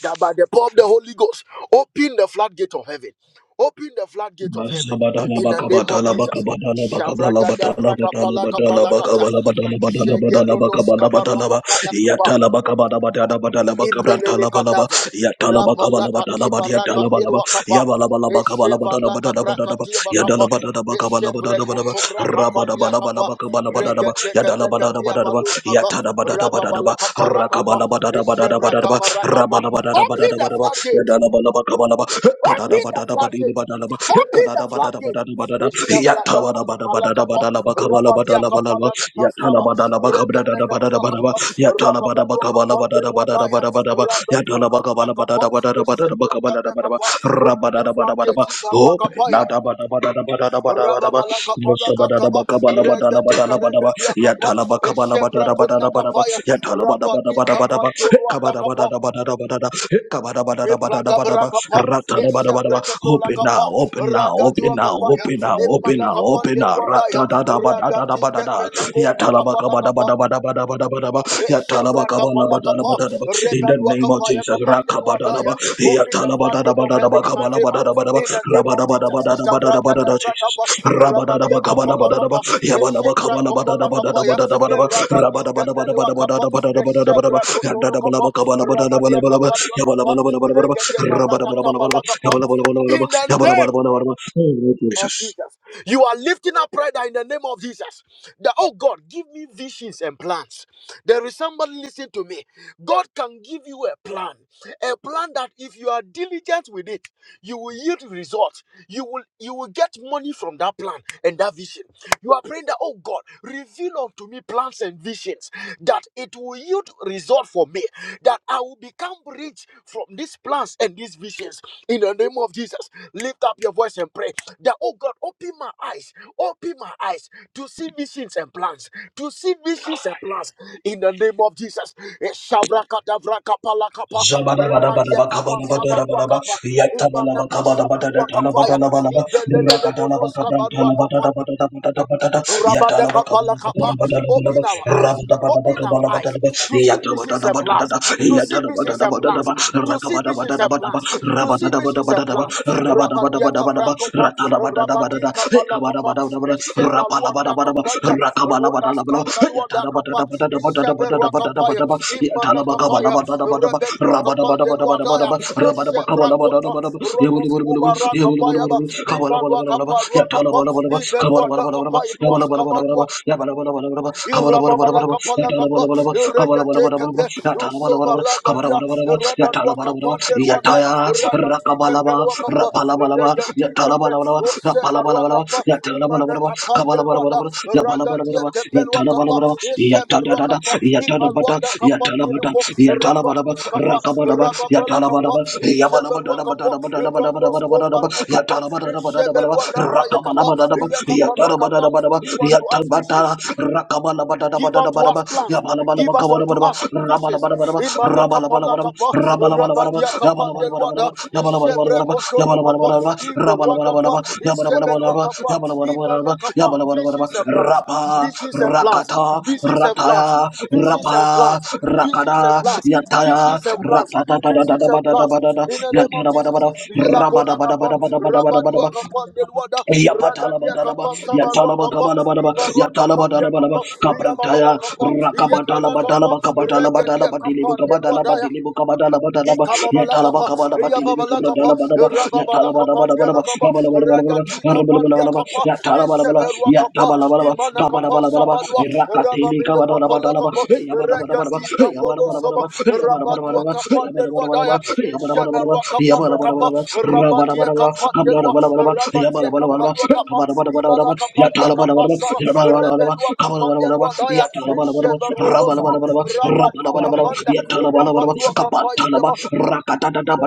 that by the power of the Holy Ghost, open the floodgate of heaven. Open the floodgate of heaven Badala in the baka name of badala baka Jesus. badala baka badala Shavragada badala badala brakapala badala baka kapalakata. badala badala badala badala baka Shegerodos badala badala Ba kabarwakapaya Yatala baka badala badala badala baka Imelele badala badala ba kadavra. yatala baka Rapa badala badala lakati paraka badala badala ba pilwa kapa. Esheva laka Yabalabalabacabalabadabadabadaba. prakati bakapa. Eshevre Yadalabadabadabadabadaba. kotomra kapandia kapa. Rabadabalabalabacabalabalabadaba. Regeteke leketi Yadalabadabadabadaba. abandus kapa. Rababa Yatadabadabadabadaba. laka parakapa. Eshevra Rakabalabadabadabadaba. kapa rakapa. Open the Rabalabadabadabadaba. floodgate. Yadalabalabacabalaba. Open the floodgate. Kadadabadabadabadaba. Open the floodgate. Kadadabadabadabadaba. Ishabrakakapalakapa, Yatabadabadabadabadabadabadabadabadaba. rabadiakapalakapasaba, rebelekatuakapa, rababaluakapandeluadaya, Yatalabadabadabadabadabadabadaba. ragatukaprakapa, Yatalabadabadabadabadabadabadaba. ishabrakadekapa. Open the floodgate. Open. Ibaruakapaya, rababalakapanakataba, regetekarege- Dia kapa, Ibragabrakapa, now, Eshebrekatolakapa, open now, open now, Ragaduakapaya, open now, open now, open now. Immalakapandelwadaya, Ragati Kepelekondakapalakapa, Chevra kapala kapa, In the rebelwa name of kapaya Jesus, kapande luadaya. Open the floodgate of heaven in my favor. Yatalabadadabadadabakabalabadadabadaba, In the name of Jesus, Ishabra rabadabadabadadabadadabadada, kadekra Jesus. kapa, rabadia kapala Rabadadabakabalabadadaba, kapa, Chevra kapala kapaya, yabalabakabalabadadabadadabadadabadaba, rabadi kepelwa kapa, rabadabadabadabadadabadadabadadabadaba, Chevra kotolo kapa, ramadia yadadabalabakabalabadadabadadaba, kapalwa kapa, regede karaka yabalabalabalabadabadaba, kabala kapa. rabadabalabalabadaba, In yabalabalabalabadaba, the name yabalabalabalabadaba. Oh, of Jesus. Jesus. You are lifting up prayer in the name of Jesus. That, oh God, give me visions and plans. There is somebody listening to me. God can give you a plan. A plan that if you are diligent with it, you will yield results. You will you will get money from that plan and that vision. You are praying that, oh God, reveal unto me plans and visions that it will yield result for me that I will become rich from these plans and these visions. In the name of Jesus, lift up your voice and pray that, oh God, open my eyes, open my eyes to see visions and plans, to see visions and plans. In the name of Jesus, Eh, Rabadiakapa, Zabadabadabadabakabadabadabadaba, Sabaduakapa, Imanaka Sabaruakapaya, yattabalabakabadabadadatalabadalabadaba, Ibelelelemonoskabaruakapa, rakatalabakamrantalabadadabadadabatatabatata, Rabadekapalakapa. Open yatalabakabadabadabadabadaba, our eyes. Open our eyes rabadabadabakabadabadaba, to see visions and plans. yattabadabadabadaba, To see visions and yatalabadabadabadaba, plans. To see visions and rakabadabadabadaba, plans. To see visions and rabadabadabadaba, plans. rabadabadabadaba, Rabadiakaprakopa. ratalabadabadabada, Rabadikapalakapa ekabadabadabadaba, rapalabadabadaba, Yatala kapadia, roda skandalwanda kapa, isheberwa kapaya, imana kapaya, rebedwa kapandelwadaya, ishevrakoto, ronos kubara kapaya ba, ibalwa kaparwa kapa, ibelwanda kapaya, duaskabadwa, Irababalakapalakapa, Iregatekepe, Usobaragadia, Irabaduakapandelwanda, Rakabalaba, Ragatikepelwakapa, Rapalabalaba, Iregatikepe, Yatalabalabalaba, Rapalabalaba, Usebaruakapa, Yatalabalabalaba, Imanakapandelwanda, Kabalabalabalaba, Yabalabalabalaba, Ragatiekepelwakapa, Yatalabalabalaba, Yatadadada, Isebaruakapa, Yatadabata, Yatalabata, Ipalwandakapandiluko, Yatalabalaba, Rabaduskapa, Rakabalaba, Rababalakapa, Yatalabalaba, Isebaruakapa, Irandoskombaruakapa, Yabalabadadabadadabadadabadabadabadabadaba, Isebelwadapayekapa, Yatalabadadabadabadaba, Rakabalabadadaba, Iyakaparuakapa. Yatalabadadabadaba, Give unto us Yatabata, visions. Give unto us Rakabalabadadabadabadaba, plans. Give us unto Yabalabalabalabalabalaba, us visions. rabalabalabalaba, Imana kapala rabalabalabalaba, kapa. You must rabalabalabalaba, Rabadia never be kapandel yabalabalabalaba, wada. Ishebre yabalabalabalaba, kotono kapa. yabalabalabalaba, Iborwa able to kapa. rabalabalabalaba, Ishebelwa kapa. Imana yabalabalabalaba, yabalabalabalaba, kapa. yabalabalabalaba, Visions and plans. rapa, Visions and plans. rakata, Visions and rataya, plans visions rapa, and plans, rakada, visions and plans, Thank yataya, visions and plans, visions and plans. ratatatatatatabatabada, In the name of Jesus, yatirabadabada, Yela kola kapa, rabadua rabadabadabadabadabadabadaba, kapa ndelwada, ragadia Yapatalabadaraba, kapa sabarua kapa, yatalabakabalabadaba, ibarua kapa ndia yatalabadalabadaba, kapa, iyababala kaprantaya, kapa, iyekala kapa, rakabatalabadalaba, regadia kabatalabadalaba, kapa dilibukabadalaba, Nelwada, dilibukabadalabadalaba, Ikababalakapa, yatalabakabalaba, Iyababalakapa, dilibukabadalabadaba, Rababalacapandia yatalabadabadabadaba, Lacapa, yabalabalabalaba, Ragati Capandia yarabalabalaba, Capa, yatalabalabala, Iseberua Capa, yatabalabalaba, Imanacapa kabalabalaba, Sabadua, rakatili Rababilicapa kabadalabadalaba, Lacapa, Yabba Ragati Capodo Saba, Rabadua Capandel. Luadaya, Ishamerua Kapande Kapa, Rabadia Kapandelua, Rabadia Kapandua Kapa, Ibala Kapandia Kapasara, Rebedua Kapandelua Daya, Ishamerodosko, Rabadu Kapanda, Rabadua Kapandia,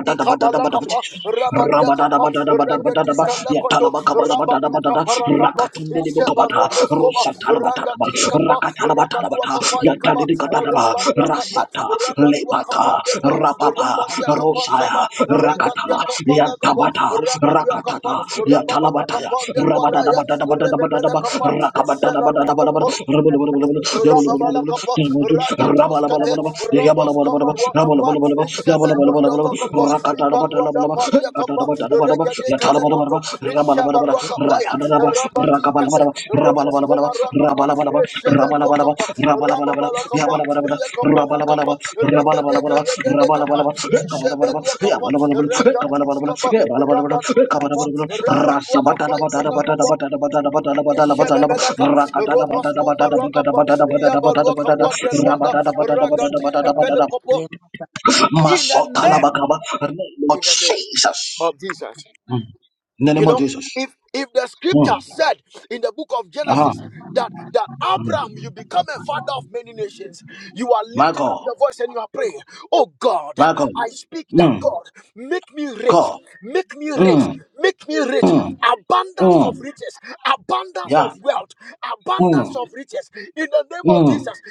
Ikabala kapa, you. Rabadia kapa, Rabadiakapa, Thank Rabadadabadadabadabadaba, Ragatika Lakoto, Rabaduka yatalabakabadabadabadada, kapa, rakatundidibukabada, Ishebarondo skoba, rusatalabatadaba, ragati kapa Ragatikapa, rakatalabatadabata, Rabaduakapa Ikaba, yatalidikatadaba, Rabaduakapa, rasata, Rabaduakapa lebata, Delwa, rapapa, Rabadiakapa Saba, rusaya, rakata, ragatia kapa la kapa, yantabata, Rabadia kapa, rakatata, Rababala yatalabataya, kapa Delwa Daya, rabadadabadadabadabadaba, Rebebelekapa, rakabadadabadabadabada, Ishebarukopo, rabadabadabadabada, yabadabadabadabada, Rababalakapa, Ragatuskabe, yabadabadabadabada, yabadabadabadabada, Ramboskaba Wakapa, yabadabadabadabada, Isabel yabadabadabadabada, Rabba Wandalakapa, you. Ibalwada Paliakapa, Regadeka Lekoto, Ishabarakapaya, Rabadikabe, Ronoskoma Rakapa, Isabel Wakapa, Rababalakapa, Yakapa Lakapa, Regadeka Regadekapa, Isabel Wakapa, Regatuskaba, Rabaduskapa, Rabat Wakapa, Manakapa, Ishebebeleka, Roboskumba Rakapa, Yabaluaka Pandelwada, Ragati Kapelekopo. In the name, Masotalabakaba. Lord in the name Jesus. of Jesus. Mm. In the You name of know, Jesus. if if the Mm. scripture said in the book of Uh-huh. Genesis that that Mm. Abraham you become a father of many nations, you are My lifting up God. your voice and you are praying, Oh God, My God. I speak that Mm. God make me rich, God. make me rich, Mm. make me rich, Mm. abundance Mm. of riches, abundance Yeah. of wealth, abundance Mm. of riches in the name of Mm. Jesus.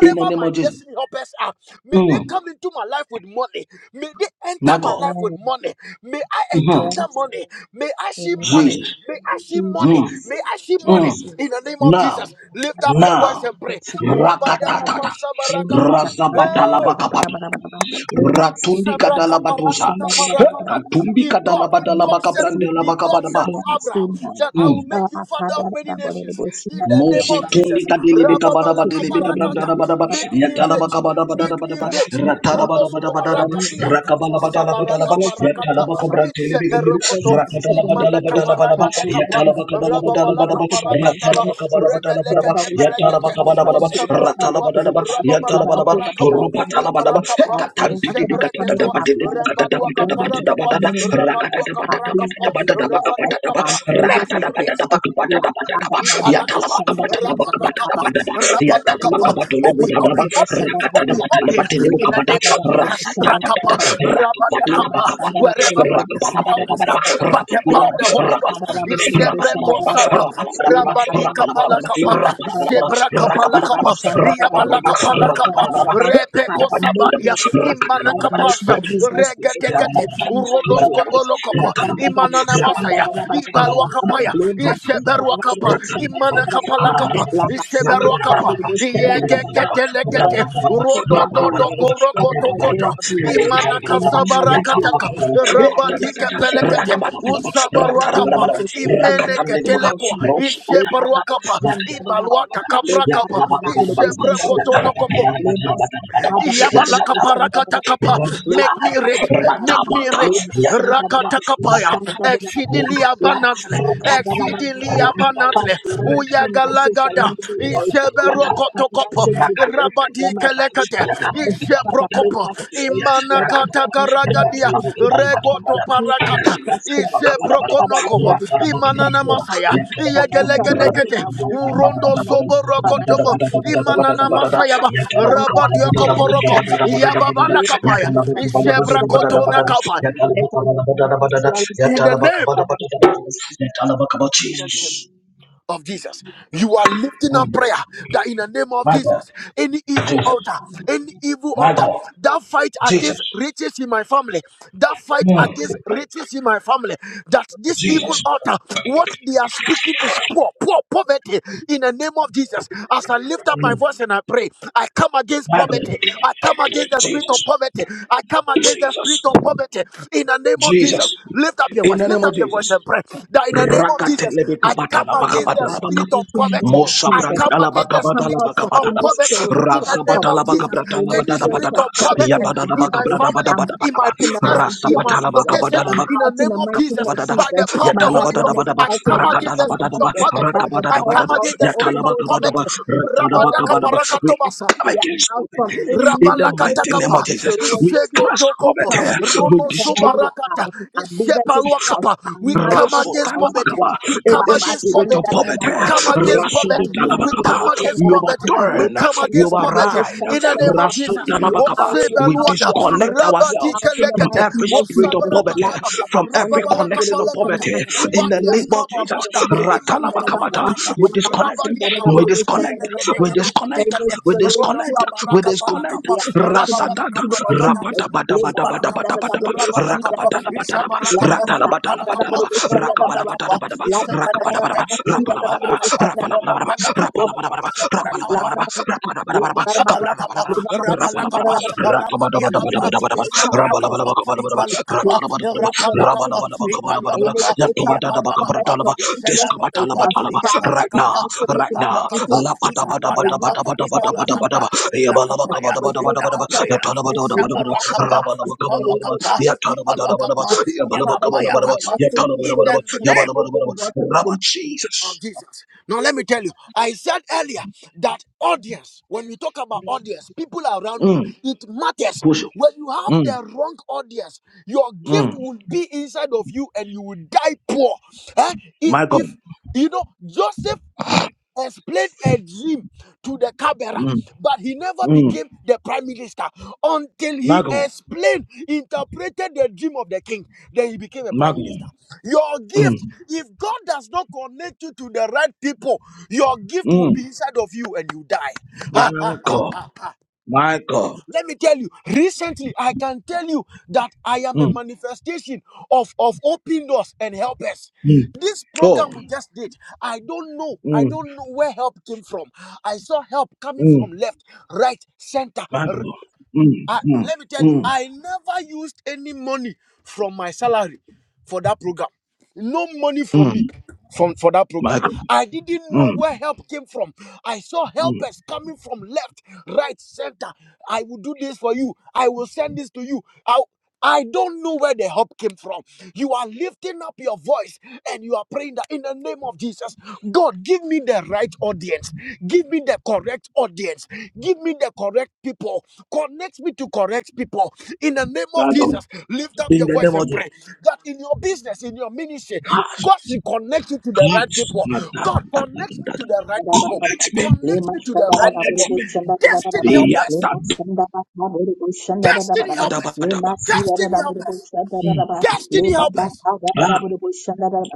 In the name my of Jesus. destiny helpers are, may they Mm. come into my life with money. May they My enter my God. life with money. May I Amen. hmm encounter Yes. money. May I see Amen. money. Jesus. May I see money. Mm. Jesus. May I see money Mm. Jesus. in the name of Now. Jesus. Lift up your voice Now. and pray. Rabadakapa Rakatatata. Lima sabarakapa. saka bara Hey! bara Razabatalabakaba. bara bara bara. Lima sika Ratundi bara kadala bara badosa. bara bara bara bara Sabrakapara-kata-para-kata. Katumbi If bara. God, kadala if Kami badala God baka said, berhasil brandela if baka nanti, God said badaba. to Abraham berhasil that nanti. I Mm. will make you Apa father of ada many ada boleh nations dibuat in bara the bara name Moshe bara of Jesus, tolika bara. delebe kabada Istilah ba sifat delebe dan kabada Rababalakaparakata. da ba media da bada ba pada make me yatala oknum ba rich, kabada ba Indonesia. da da ba make da me ba Para rich. ratala media ba da ba da ba Rodoskoba da da dan ba media hanya rakatia, rakabala di ba da la ba da Indonesia. la ba Belajar itu yatala ba kabra sama delebe Rusabarakaparakata, Bless perokoto kabada my rakatala ba children, da the imana la ba da age. la ba da kaparaga ba de Father, let kapa yatala my ba kabala ba household da la be ba da rababala built ba in the kaparaka mighty ratala taba ba name of kabala ba Jesus. da la ba da Wherever rebelekete ba we step, yatala ba perekete Father, kabala ba da divine ba favor usabra shall ratala kapa ba da da locate ba us. rababala yatala ba da Divine ba kapara favor shall kapa rupa come tala our ba da ibra ba way. kapa Our katan going di out di and di our kata isebrekete da coming to da in ba are di di di blessed. kata da ba Our rembadua da da going ba out kapara di and da our ba kapa da da coming in are rakata rabadua blessed. da ba da Our kapara kapa da business is ba blessed. rabadia Our kapa marriages make is me rich blessed. La- da- da- da- da- da- da- da- da- da- da- da- da- Ipalakapa, rapalakapa, Le rapalakapa. masanda Open, da open, bolo bolo open, sanda da da bolo open, open. In the name of bolo Jesus, Ibrakapa, le Rabadakapa, masanda da wherever bolo my bolo destiny sanda da da bolo helpers bolo are, but the le power of the Holy masanda Ghost da is bolo bolo sanda da da bolo bolo le masanda da bolo bolo Shebrekosama, sanda da da bolo bolo le Rabadikapalakapa, Shebrakapalakapa, masanda da bolo bolo sanda da Yabalakapalakapa, da bolo bolo Father, make a Repekosabadia, way. I make my Imanakapasha, Rakapana business right. Make my Regadekate, marriage Rodos right. La Kobolokopa, da da da bo Imanana shen da Masaya, da da ba da ba da ba da ba. Ibalwakapaya, Le ma si ka da da bo da Isheberwakapa, bo shen da da da ba da ba ba. Imanakapalakapa, La ba da da bo Isheberwakapa, da da da da ba da ba da ba. Where Yegetelekete, I step, Rodo I'll be Dodo right. Where Koroko I go, i Tokoto, be right. Let my marriage be Imanakasabarakataka, right. Yeah, I'm right Rabati in the mighty Kepelekete, name of Jesus. Our Usabarwakapa, business is right in the Rakatan de mighty name Boga, of Imenekatelekwa, Jesus. Rosh Le ba ba ba Isheberwakapa, Yes, shen da da da ba. Ibalwata Le ba Kaprakapa, da da da bo da bo shen da da da ba Ishebrekotonokopo, da ba. Father, let my finances Yabalakaparakataka. Make me rich. Make me rich. Rakatakapaya. Exceedingly abundantly. Exceedingly abundantly. uh, let Uyagalagada. me be rich. Let my Isheberokotokopo. finances be good. Let my marriage Rabadikelekate. be good. Father, make Isheprokopo. us rich. Let our Nakata finances karagadia be rich. Father, regoto give us a parakata ise testimony. Father, let prokonokopo there be financial imanana masaya breakthrough. Financial breakthrough iyegelegedekete now going out and coming in. our urondo community soborokotobo financial breakthrough. imanana masaya Lambaba ba Sanda rabadia Rabu koporoko Sanda Raba yababala Lema kapaya Sanda Rabu ise Sanda brakotona Raba. kapa Let us be financially in the sound, name financially. Jesus. of Jesus. You are lifting Mm. up prayer that in the name of My God. Jesus, any evil Jesus. altar, any evil My altar God. that fight Jesus. against riches in my family, that fight Mm. against riches in my family, that this evil Jesus. altar, what they are speaking is poor, poor poverty. In the name of Jesus, as I lift up my voice and I pray, I come against My God. poverty. I come against the spirit Jesus. of poverty. I come against the spirit Jesus. of poverty in the name of Jesus. Jesus, lift up your In voice, the name lift of up your voice Jesus. and pray that in the name of Jesus, Rakatelebe I kabata come la against the bakabata by la the bakab. spirit of mighty poverty. name of Mosa I Jesus. come branta la I against the bakabata come la spirit out from of bakabata la any bak. poverty in spiritual the name Razabata of la poverty, Jesus. bakabrata la any Any bada da spirit bada spirit da. of of poverty poverty in Yabada my da in my household. bakabrata bada family, I'm bada in bada out my ba. in the business, mighty in name of my Rasabata la Jesus. bakabada location, la I'm in the out in name the of mighty name Jesus, of bakabada da. by Jesus. the power of My the Yatala Holy husband Ghost, Rakatelebekabatalabakabatalabaka. Mosabrantalabakabatalabakabatalaba. Razabatalabakabratalabadadabadada. is Yabadadabakabradabadabadabadaba. Rasabatalabakabatalabakabadada. Yatalabadadabadaba. I out in the come against mighty the name of spirit Rakadalabadadaba. of Jesus. poverty. By the I power come Rakabadadabadada. of against the the spirit Holy of Ghost, we Yatalabakabadaba. are poverty. out. Rabadaka Oh, Rakalabakabadaba. we are We out. parakatobasa. come We are against out poverty from in the any, mighty any name of Rabalakatakapa, Jesus. We spiritual crush Ishegotokopo, poverty. poverty. We Rono destroy Oh, we are Sobarakata, out. Our business is out. Ishepaluakapa. Our We come marriage is against out. poverty. Our Rasotalabakaba. We you're In come out, the you're out, against you're spirit of poverty. poverty, We come against poverty. We come Rasotalabakaba. against you poverty. We overturn, come you against poverty override. in the name of Jesus. Rasotalabakaba. We Osebeluada, out, disconnect you're ourselves out in the from Rabadikelekete, mighty every name of spirit of Jesus. poverty, La ba Osabarakataba, ba ba from every sanda da connection of sanda palakata. poverty. da ba. In the name Uwadias of kaba Jesus, ronda. Jesus. Imanaka Ratalabakabata. palakata. We La ba disconnect. sanda Rabadia da We kapa. sanda disconnect. da da We disconnect. the Iregedegedegetegete. We Rodas disconnect. spiritual We kabaraka poverty, disconnect. we palakapa. are out in the Rababalaka Rasatata. mighty name of parakata. Jesus. Le ba sanda da Ipalakapa. da Rapatabadabadabadabadaba. Rabadakapa. ba. Rakabadabadabadaba. La Isabarakapa. masa, ada da Ipalakapa. bodo Ratalabadabadabadaba. bushan da da ba ba. Rabadakapa. Rakabadabadabadaba. La ba da ba Rakabadabadaba. da ba Iseberekete. ba, shi da da da bodo Irapalakapa. bushan da da da ba. Rapalabadabadaba. Le Rapalakapa. ba ba ba, Rapalabadabadaba. Rapalabadabadaba. la ba Isebrekapa. da Rapalabadabadaba. ba da ba, le ba Rapalabadabadaba. da ba da ba, Ikabalakapa, le Kapalabadabadaba. ba ba ba, shan da da Rapalabadaba. Rapalakapa, da ba da ba da ba. In Rapadiakapa, this Ratabadabadabadabadaba. spiritual poverty, Isabrakapa, of Christ Rabalabadabakabadabadaba. like Ipalokapa, we're Ratalabadabadaba. calculating the person Rapalakapa, of Jesus. In Rabalabalabakabadabadaba. this Ipalwakapa, spiritual po- Iapalwakapa, poverty Yantobadadabakabadabadaba. from the east, west, and Isabarwakapa, south, Discobatalabatalaba. Father, Right we Iapalakapa, now, calculate right in the now. mighty Ipalwakapa, name La of pata Jesus. bada I bada Ipalwadapa, run bada that bada bada bada charity in bada the Ipalakapa, ba. mighty name Ya of bala Jesus. baka Ilakapaya, bada We bada bada take bada ba. ourselves Ya Ilakapaya, out. tala bada bada We bada take bada. ourselves Ra Isabarwakapa, bala out. baka bada We bada ba. take Ipalwakapa, Ya ourselves tala bada our bada bada ba. kids Ipalwakapa, wake Ya up, bala baka bada covered Iakapaya bada from ba. the Kapa. Ya western, tala bada In eastern, bada the ba. eastern, Ya bala name bada bada ba. religion, water, Rabba even. Jesus. of Jesus. Now, let me tell you, I said earlier that audience, when we talk about audience, people around you, Mm. it matters. Push it. When you have Mm. the wrong audience, your gift Mm. will be inside of you and you will die poor. Eh? If, My God. if, you know, Joseph explained a dream to the Cabera, Mm. but he never Mm. became the prime minister until My he God. explained, interpreted the dream of the king. Then he became a My prime God. minister. Your gift, Mm. if God does not connect you to the right people, your gift will Mm. be inside of you and you My die. God. My God. Let me tell you, recently I can tell you that I am a Mm. manifestation of, of open doors and helpers. Mm. This program Oh. we just did, I don't know. I Mm. don't know where help came from. I saw help coming Mm. from left, right, center. My God. Mm, I, mm, let me tell you, mm, I never used any money from my salary for that program. No money from mm. me from for that My program. God. I didn't know Mm. where help came from. I saw helpers coming from left, right, center. I will do this for you. I will send this to you. I, I don't know where the help came from. You are lifting up your voice and you are praying that in the name of Jesus, God, give me the right audience. Give me the correct audience. Give me the correct people. Connect me to correct people. In the name of My God. Jesus, lift up In your the name voice of and pray Jesus. that in your business, in your ministry, Gosh, God should connect you to the right gosh. people. Ah, da, God, da, da, da, connect me da, to da. the right Father, people. connect Connect me. Connect me us to the right Connect people. me. Destiny help Yeah, us. da, da, Destiny help da, da, us. da, da. Destiny help us. Mm. Destiny help us. Ah.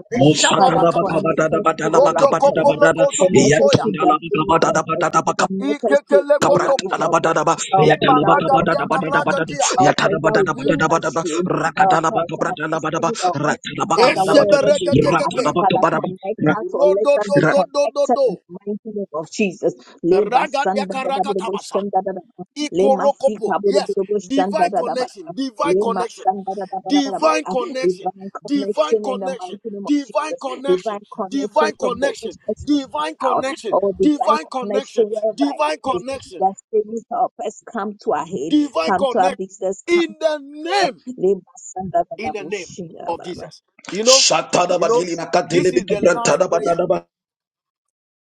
Mosa da da ba ka Ishabarakapa. ba da da ba da to da the ba ka Rondo ba right da da of ba it. kopolo da da. kotomo Connect Yeah, us soya. to tunda the la ba ka ba thing da da of ba it. da da ba ka Connect us to Ikekele the kotobo. right of it. Kabrantalabadanaba, Help us that will bring Maragadia comfort. Yatanabakabadadabadadabadada, Karagatia. Help us that will break us Yatanabadadabadadabadaba, through. Help us, our Rakatalabakabrantalabanaba, destiny help us. Father, Ratalabakabadabadada, wherever they Esebereke are. tekepe. Father, Ratalabakabaraba, connect Ra- us or let Rodo us do be Ra- do do do connected in do. the mighty name of Jesus. Le Ragadia sanda da da da bo Karakatabasa. shanda da da da. Lema Ikorokopo. sika da Yes. da bo shanda Divine da da bada connection. ba. Divine Lema connection. sanda da da bada bada bada Divine ba. connection. Divine Divine connection in the connection. mighty name of Divine Jesus. connection, Divine connection divine from the connection, east west north and divine south. connection, Or divine divine connection connection, wherever it divine is. connection, Destiny help us come to our head, divine come to our connection. business, come In to the our. name Leba sanda da da in the bo name shanda da da of bada ba. Jesus. You know, you know, Jesus. this is the last prayer Shatanabadilinakatelebekabrantanabadadaba,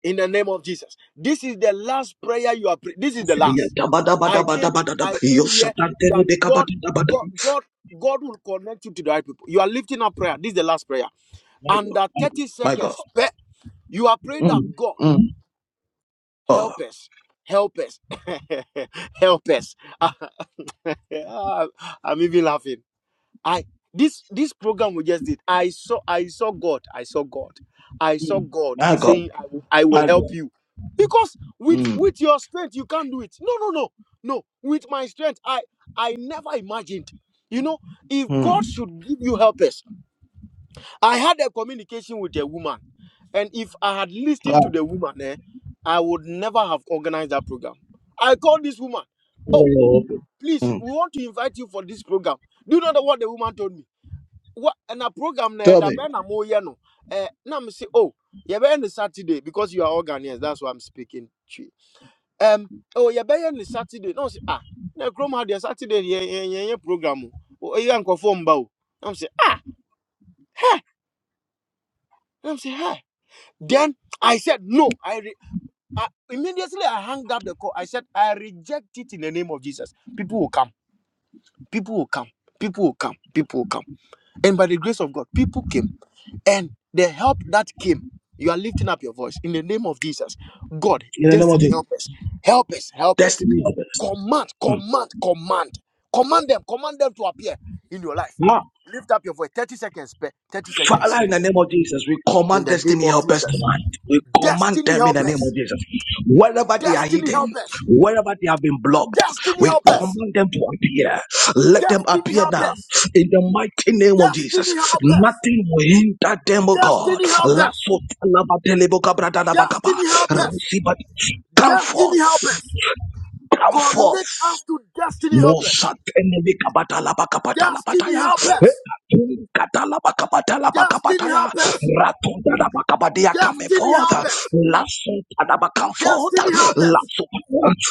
in the name of Jesus. This is the last prayer you are praying. This is the last. I came, Yatabadabadabadabadadaba, I came here that God, Yoshatantelebekabadadabadada. God, God, God will connect you to the right people. You are lifting up prayer. This is the last prayer. Under 30 My God, seconds, pe- you are praying that my God, God Mm, mm. Oh, help us. Help us. help us. I'm even laughing. I this this program we just did. I saw I saw God. I saw God. I saw God my God, saying, "I will, I my will God, help you," because with mm, with your strength you can't do it. No, no, no, no. With my strength, I I never imagined. You know, if mm. God should give you helpers, I had a communication with a woman, and if I had listened to God. the woman, eh, I would never have organized that program. I called this woman. Oh, Oh, okay. please, Mm. we want to invite you for this program. Do you know the- what the woman told me? what na program na Tell ɛda me, bɛn na mo yɛ no eh na me say oh yɛbɛyɛ no saturday because you are all Ghanaians that's why I'm speaking to you um oh yɛbɛyɛ on saturday na ɔsi ah na kurom ha deɛ saturday yɛ yɛ yɛ yɛ program o o yɛ nkɔfo mba o na me say ah hɛ na me say hɛ then I said no I re I, immediately I hung up the call I said I reject it in the name of Jesus people will come people will come people will come people will come and by the grace of God people came And the help that came, you are lifting up your voice in the name of Jesus. God, in the name of destiny the help us. Help us, help us. destiny of this. Command, command, command. Command them, command them to appear in your life. Lift up your voice. 30 seconds, pe- 30 seconds. Father, in the name of Jesus, we In command the name destiny of helpers Jesus. tonight. We command Destiny them in help the name of us. Jesus. Wherever they are Destiny hidden, help us. wherever they have been blocked, Destiny we help us. command them to appear. Let them Destiny appear help now us. in the mighty name of Jesus. Destiny help us. Nothing will hinder them, O God. Destiny help us. Destiny help us. Come Destiny help forth. us. Come forth. Connect us to destiny helpers. Mosatene kabata bakapata la Destiny bataya. Eh, helpers. Kata la bakapata la Destiny bakapataya. helpers. Ratunda la bakabadia come Destiny forth. helpers. Lasso kadaba come forth. Destiny helpers. Lasso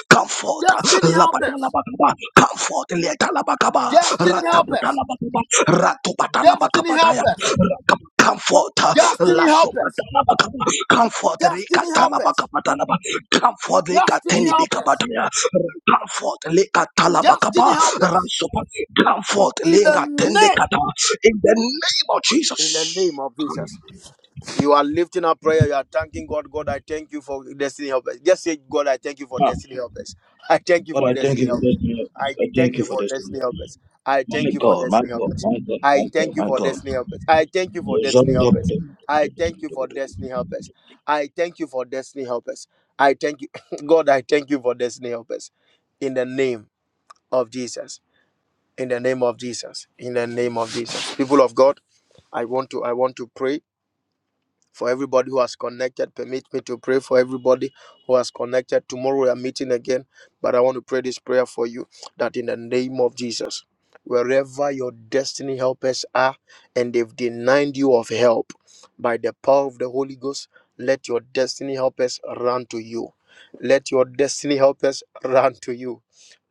come forth. Destiny Labata la helpers. bakaba come forth. Leta la bakaba. Destiny Ratabata helpers. la bakaba. Ratubata la Destiny helpers. Comfort, Destiny helpers. comfort, Destiny helpers. Rikatalabakapatanaba, comfort, Destiny helpers. Rikatinibikabataya, comfort, Likatalabakapa, Destiny helpers. Ransopa, comfort, In the name. Lingatendekata, in the name of In the name Jesus. of Jesus. You are lifting up prayer. You are thanking God. God, I thank you for destiny helpers. Just say, God, I thank you for Ah, destiny helpers. I thank you God, for I thank destiny you for helpers. this. deliverance. I I thank thank you you for for this. destiny deliverance. helpers. I My thank you for God, my destiny God, helpers. I thank you my for God, destiny helpers. I thank you for my God, destiny helpers. I thank my you for destiny God. helpers. I thank you for destiny helpers. I thank you, God. I thank you for destiny helpers. In the name of Jesus. In the name of Jesus. In the name of Jesus. People of God, I want to. I want to pray for everybody who has connected. Permit me to pray for everybody who has connected. Tomorrow we are meeting again, but I want to pray this prayer for you that in the name of Jesus, wherever your destiny helpers are and they've denied you of help by the power of the Holy Ghost, let your destiny helpers run to you. Let your destiny helpers run to you.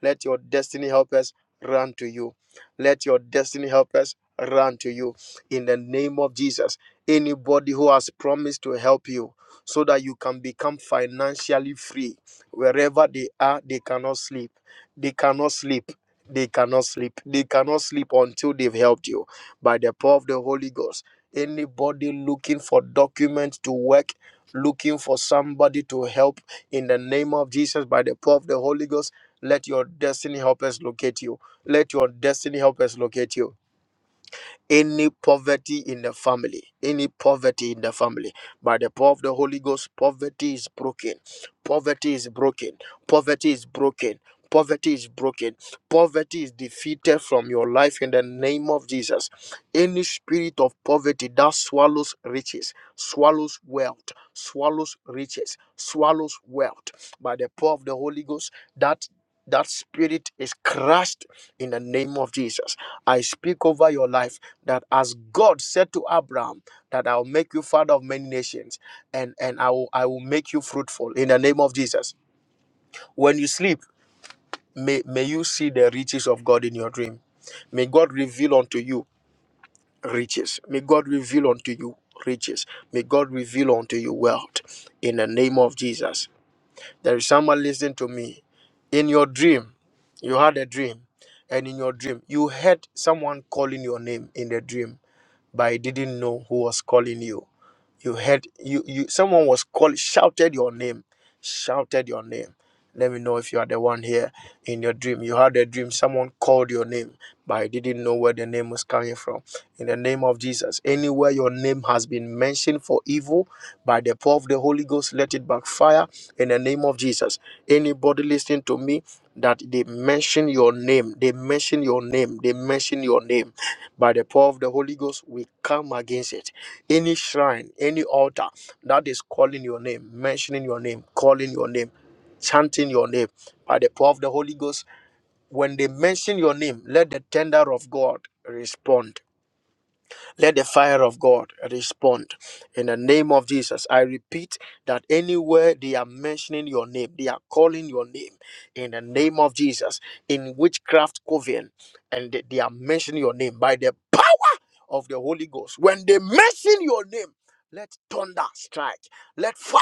Let your destiny helpers run to you. Let your destiny helpers run to you in the name of Jesus anybody who has promised to help you so that you can become financially free wherever they are they cannot sleep they cannot sleep they cannot sleep they cannot sleep until they've helped you by the power of the holy ghost anybody looking for documents to work looking for somebody to help in the name of jesus by the power of the holy ghost let your destiny helpers locate you let your destiny helpers locate you any poverty in the family, any poverty in the family. By the power of the Holy Ghost, poverty is broken. Poverty is broken. Poverty is broken. Poverty is broken. Poverty is defeated from your life in the name of Jesus. Any spirit of poverty that swallows riches, swallows wealth, swallows riches, swallows wealth. By the power of the Holy Ghost, that that spirit is crushed in the name of Jesus. I speak over your life that as God said to Abraham that I'll make you father of many nations and and I will I will make you fruitful in the name of Jesus. When you sleep, may may you see the riches of God in your dream. May God reveal unto you riches. May God reveal unto you riches. May God reveal unto you wealth in the name of Jesus. There is someone listening to me. In your dream, you had a dream and in your dream you heard someone calling your name in the dream but I didn't know who was calling you you heard you you someone was called shouted your name shouted your name let me know if you are the one here in your dream you had a dream someone called your name but you didn't know where the name was coming from in the name of jesus anywhere your name has been mentioned for evil by the power of the holy ghost let it backfire in the name of jesus anybody listening to me that they mention your name they mention your name they mention your name by the power of the holy ghost we come against it any shrine, any altar that is calling your name, mentioning your name, calling your name, chanting your name by the power of the Holy Ghost, when they mention your name, let the tender of God respond. Let the fire of God respond. In the name of Jesus, I repeat that anywhere they are mentioning your name, they are calling your name. In the name of Jesus, in witchcraft coven, and they they are mentioning your name by the of the Holy Ghost. When they mention your name, let thunder strike, let fire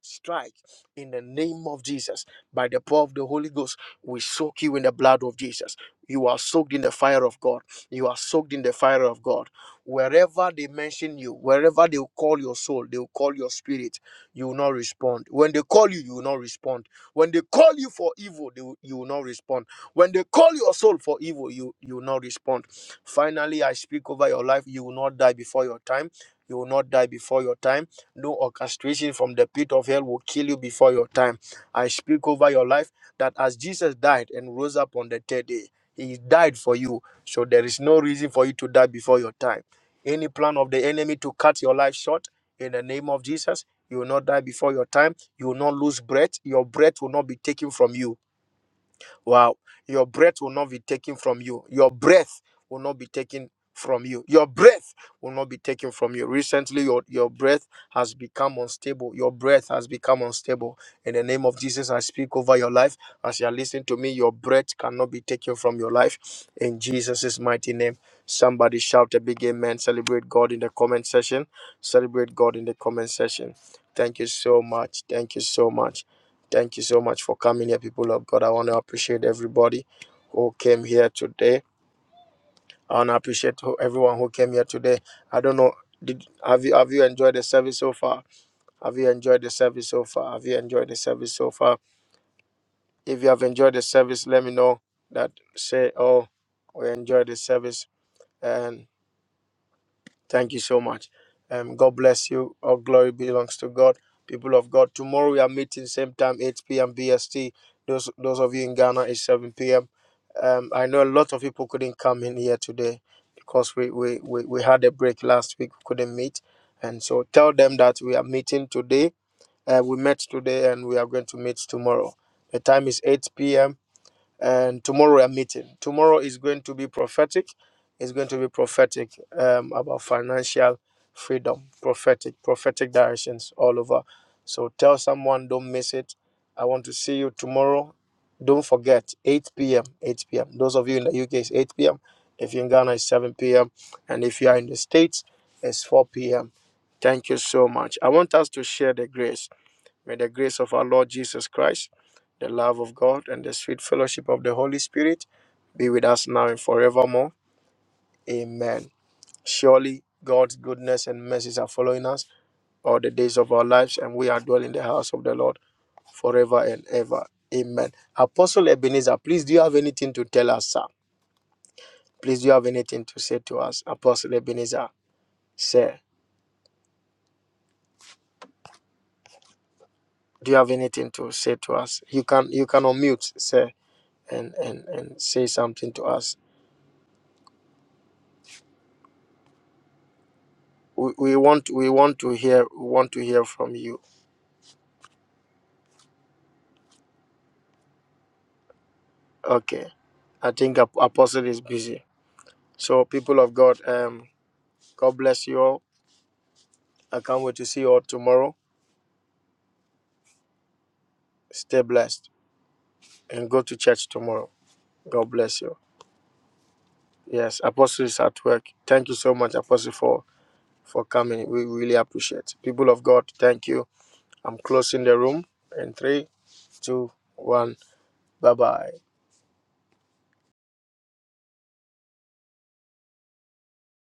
strike in the name of Jesus. By the power of the Holy Ghost, we soak you in the blood of Jesus. You are soaked in the fire of God. You are soaked in the fire of God. Wherever they mention you, wherever they will call your soul, they will call your spirit, you will not respond. When they call you, you will not respond. When they call you for evil, they will- you will not respond. When they call your soul for evil, you, you will not respond Finally, I speak over your life. You will not die before your time. You will not die before your time. No orchestration from the pit of hell will kill you before your time. I speak over your life that as Jesus died and rose up on the third day, he died for you. So there is no reason for you to die before your time. Any plan of the enemy to cut your life short in the name of Jesus, you will not die before your time. You will not lose breath. Your breath will not be taken from you Wow. Your breath will not be taken from you. Your breath will not be taken from you. Your breath will not be taken from you. Recently, your, your breath has become unstable. Your breath has become unstable. In the name of Jesus, I speak over your life. As you are listening to me, your breath cannot be taken from your life. In Jesus' mighty name. Somebody shout a big amen. Celebrate God in the comment section. Celebrate God in the comment section. Thank you so much. Thank you so much. Thank you so much for coming here, people of God. I want to appreciate everybody who came here today. I want to appreciate who- everyone who came here today. I don't know. Did have you have you enjoyed the service so far? Have you enjoyed the service so far? Have you enjoyed the service so far? If you have enjoyed the service, let me know that say, oh, we enjoyed the service. and. Thank you so much. Um, God bless you. All glory belongs to God. People of God, tomorrow we are meeting same time, 8 p.m. BST. Those those of you in Ghana, it's 7 p.m. Um, I know a lot of people couldn't come in here today because we, we, we, we had a break last week, we couldn't meet. And so tell them that we are meeting today. Uh, we met today and we are going to meet tomorrow. The time is 8 p.m and tomorrow we are meeting. Tomorrow is going to be prophetic. It's going to be prophetic um, about financial freedom, prophetic, prophetic directions all over. So tell someone, don't miss it. I want to see you tomorrow. Don't forget, 8 p.m. 8 p.m. Those of you in the UK, it's 8 p.m. If you're in Ghana, it's 7 p.m. And if you are in the States, it's 4 p.m. Thank you so much. I want us to share the grace. May the grace of our Lord Jesus Christ, the love of God, and the sweet fellowship of the Holy Spirit be with us now and forevermore. Amen. Surely God's goodness and mercies are following us all the days of our lives, and we are dwelling in the house of the Lord forever and ever. Amen. Apostle Ebenezer, please do you have anything to tell us, sir? Please do you have anything to say to us, Apostle Ebenezer, sir? Do you have anything to say to us? You can you can unmute, sir, and and and say something to us. we, we want we want to hear we want to hear from you okay i think Ap- apostle is busy so people of god um god bless you all i can't wait to see you all tomorrow stay blessed and go to church tomorrow god bless you yes apostle is at work thank you so much apostle for for coming we really appreciate people of god thank you i'm closing the room in three two one bye bye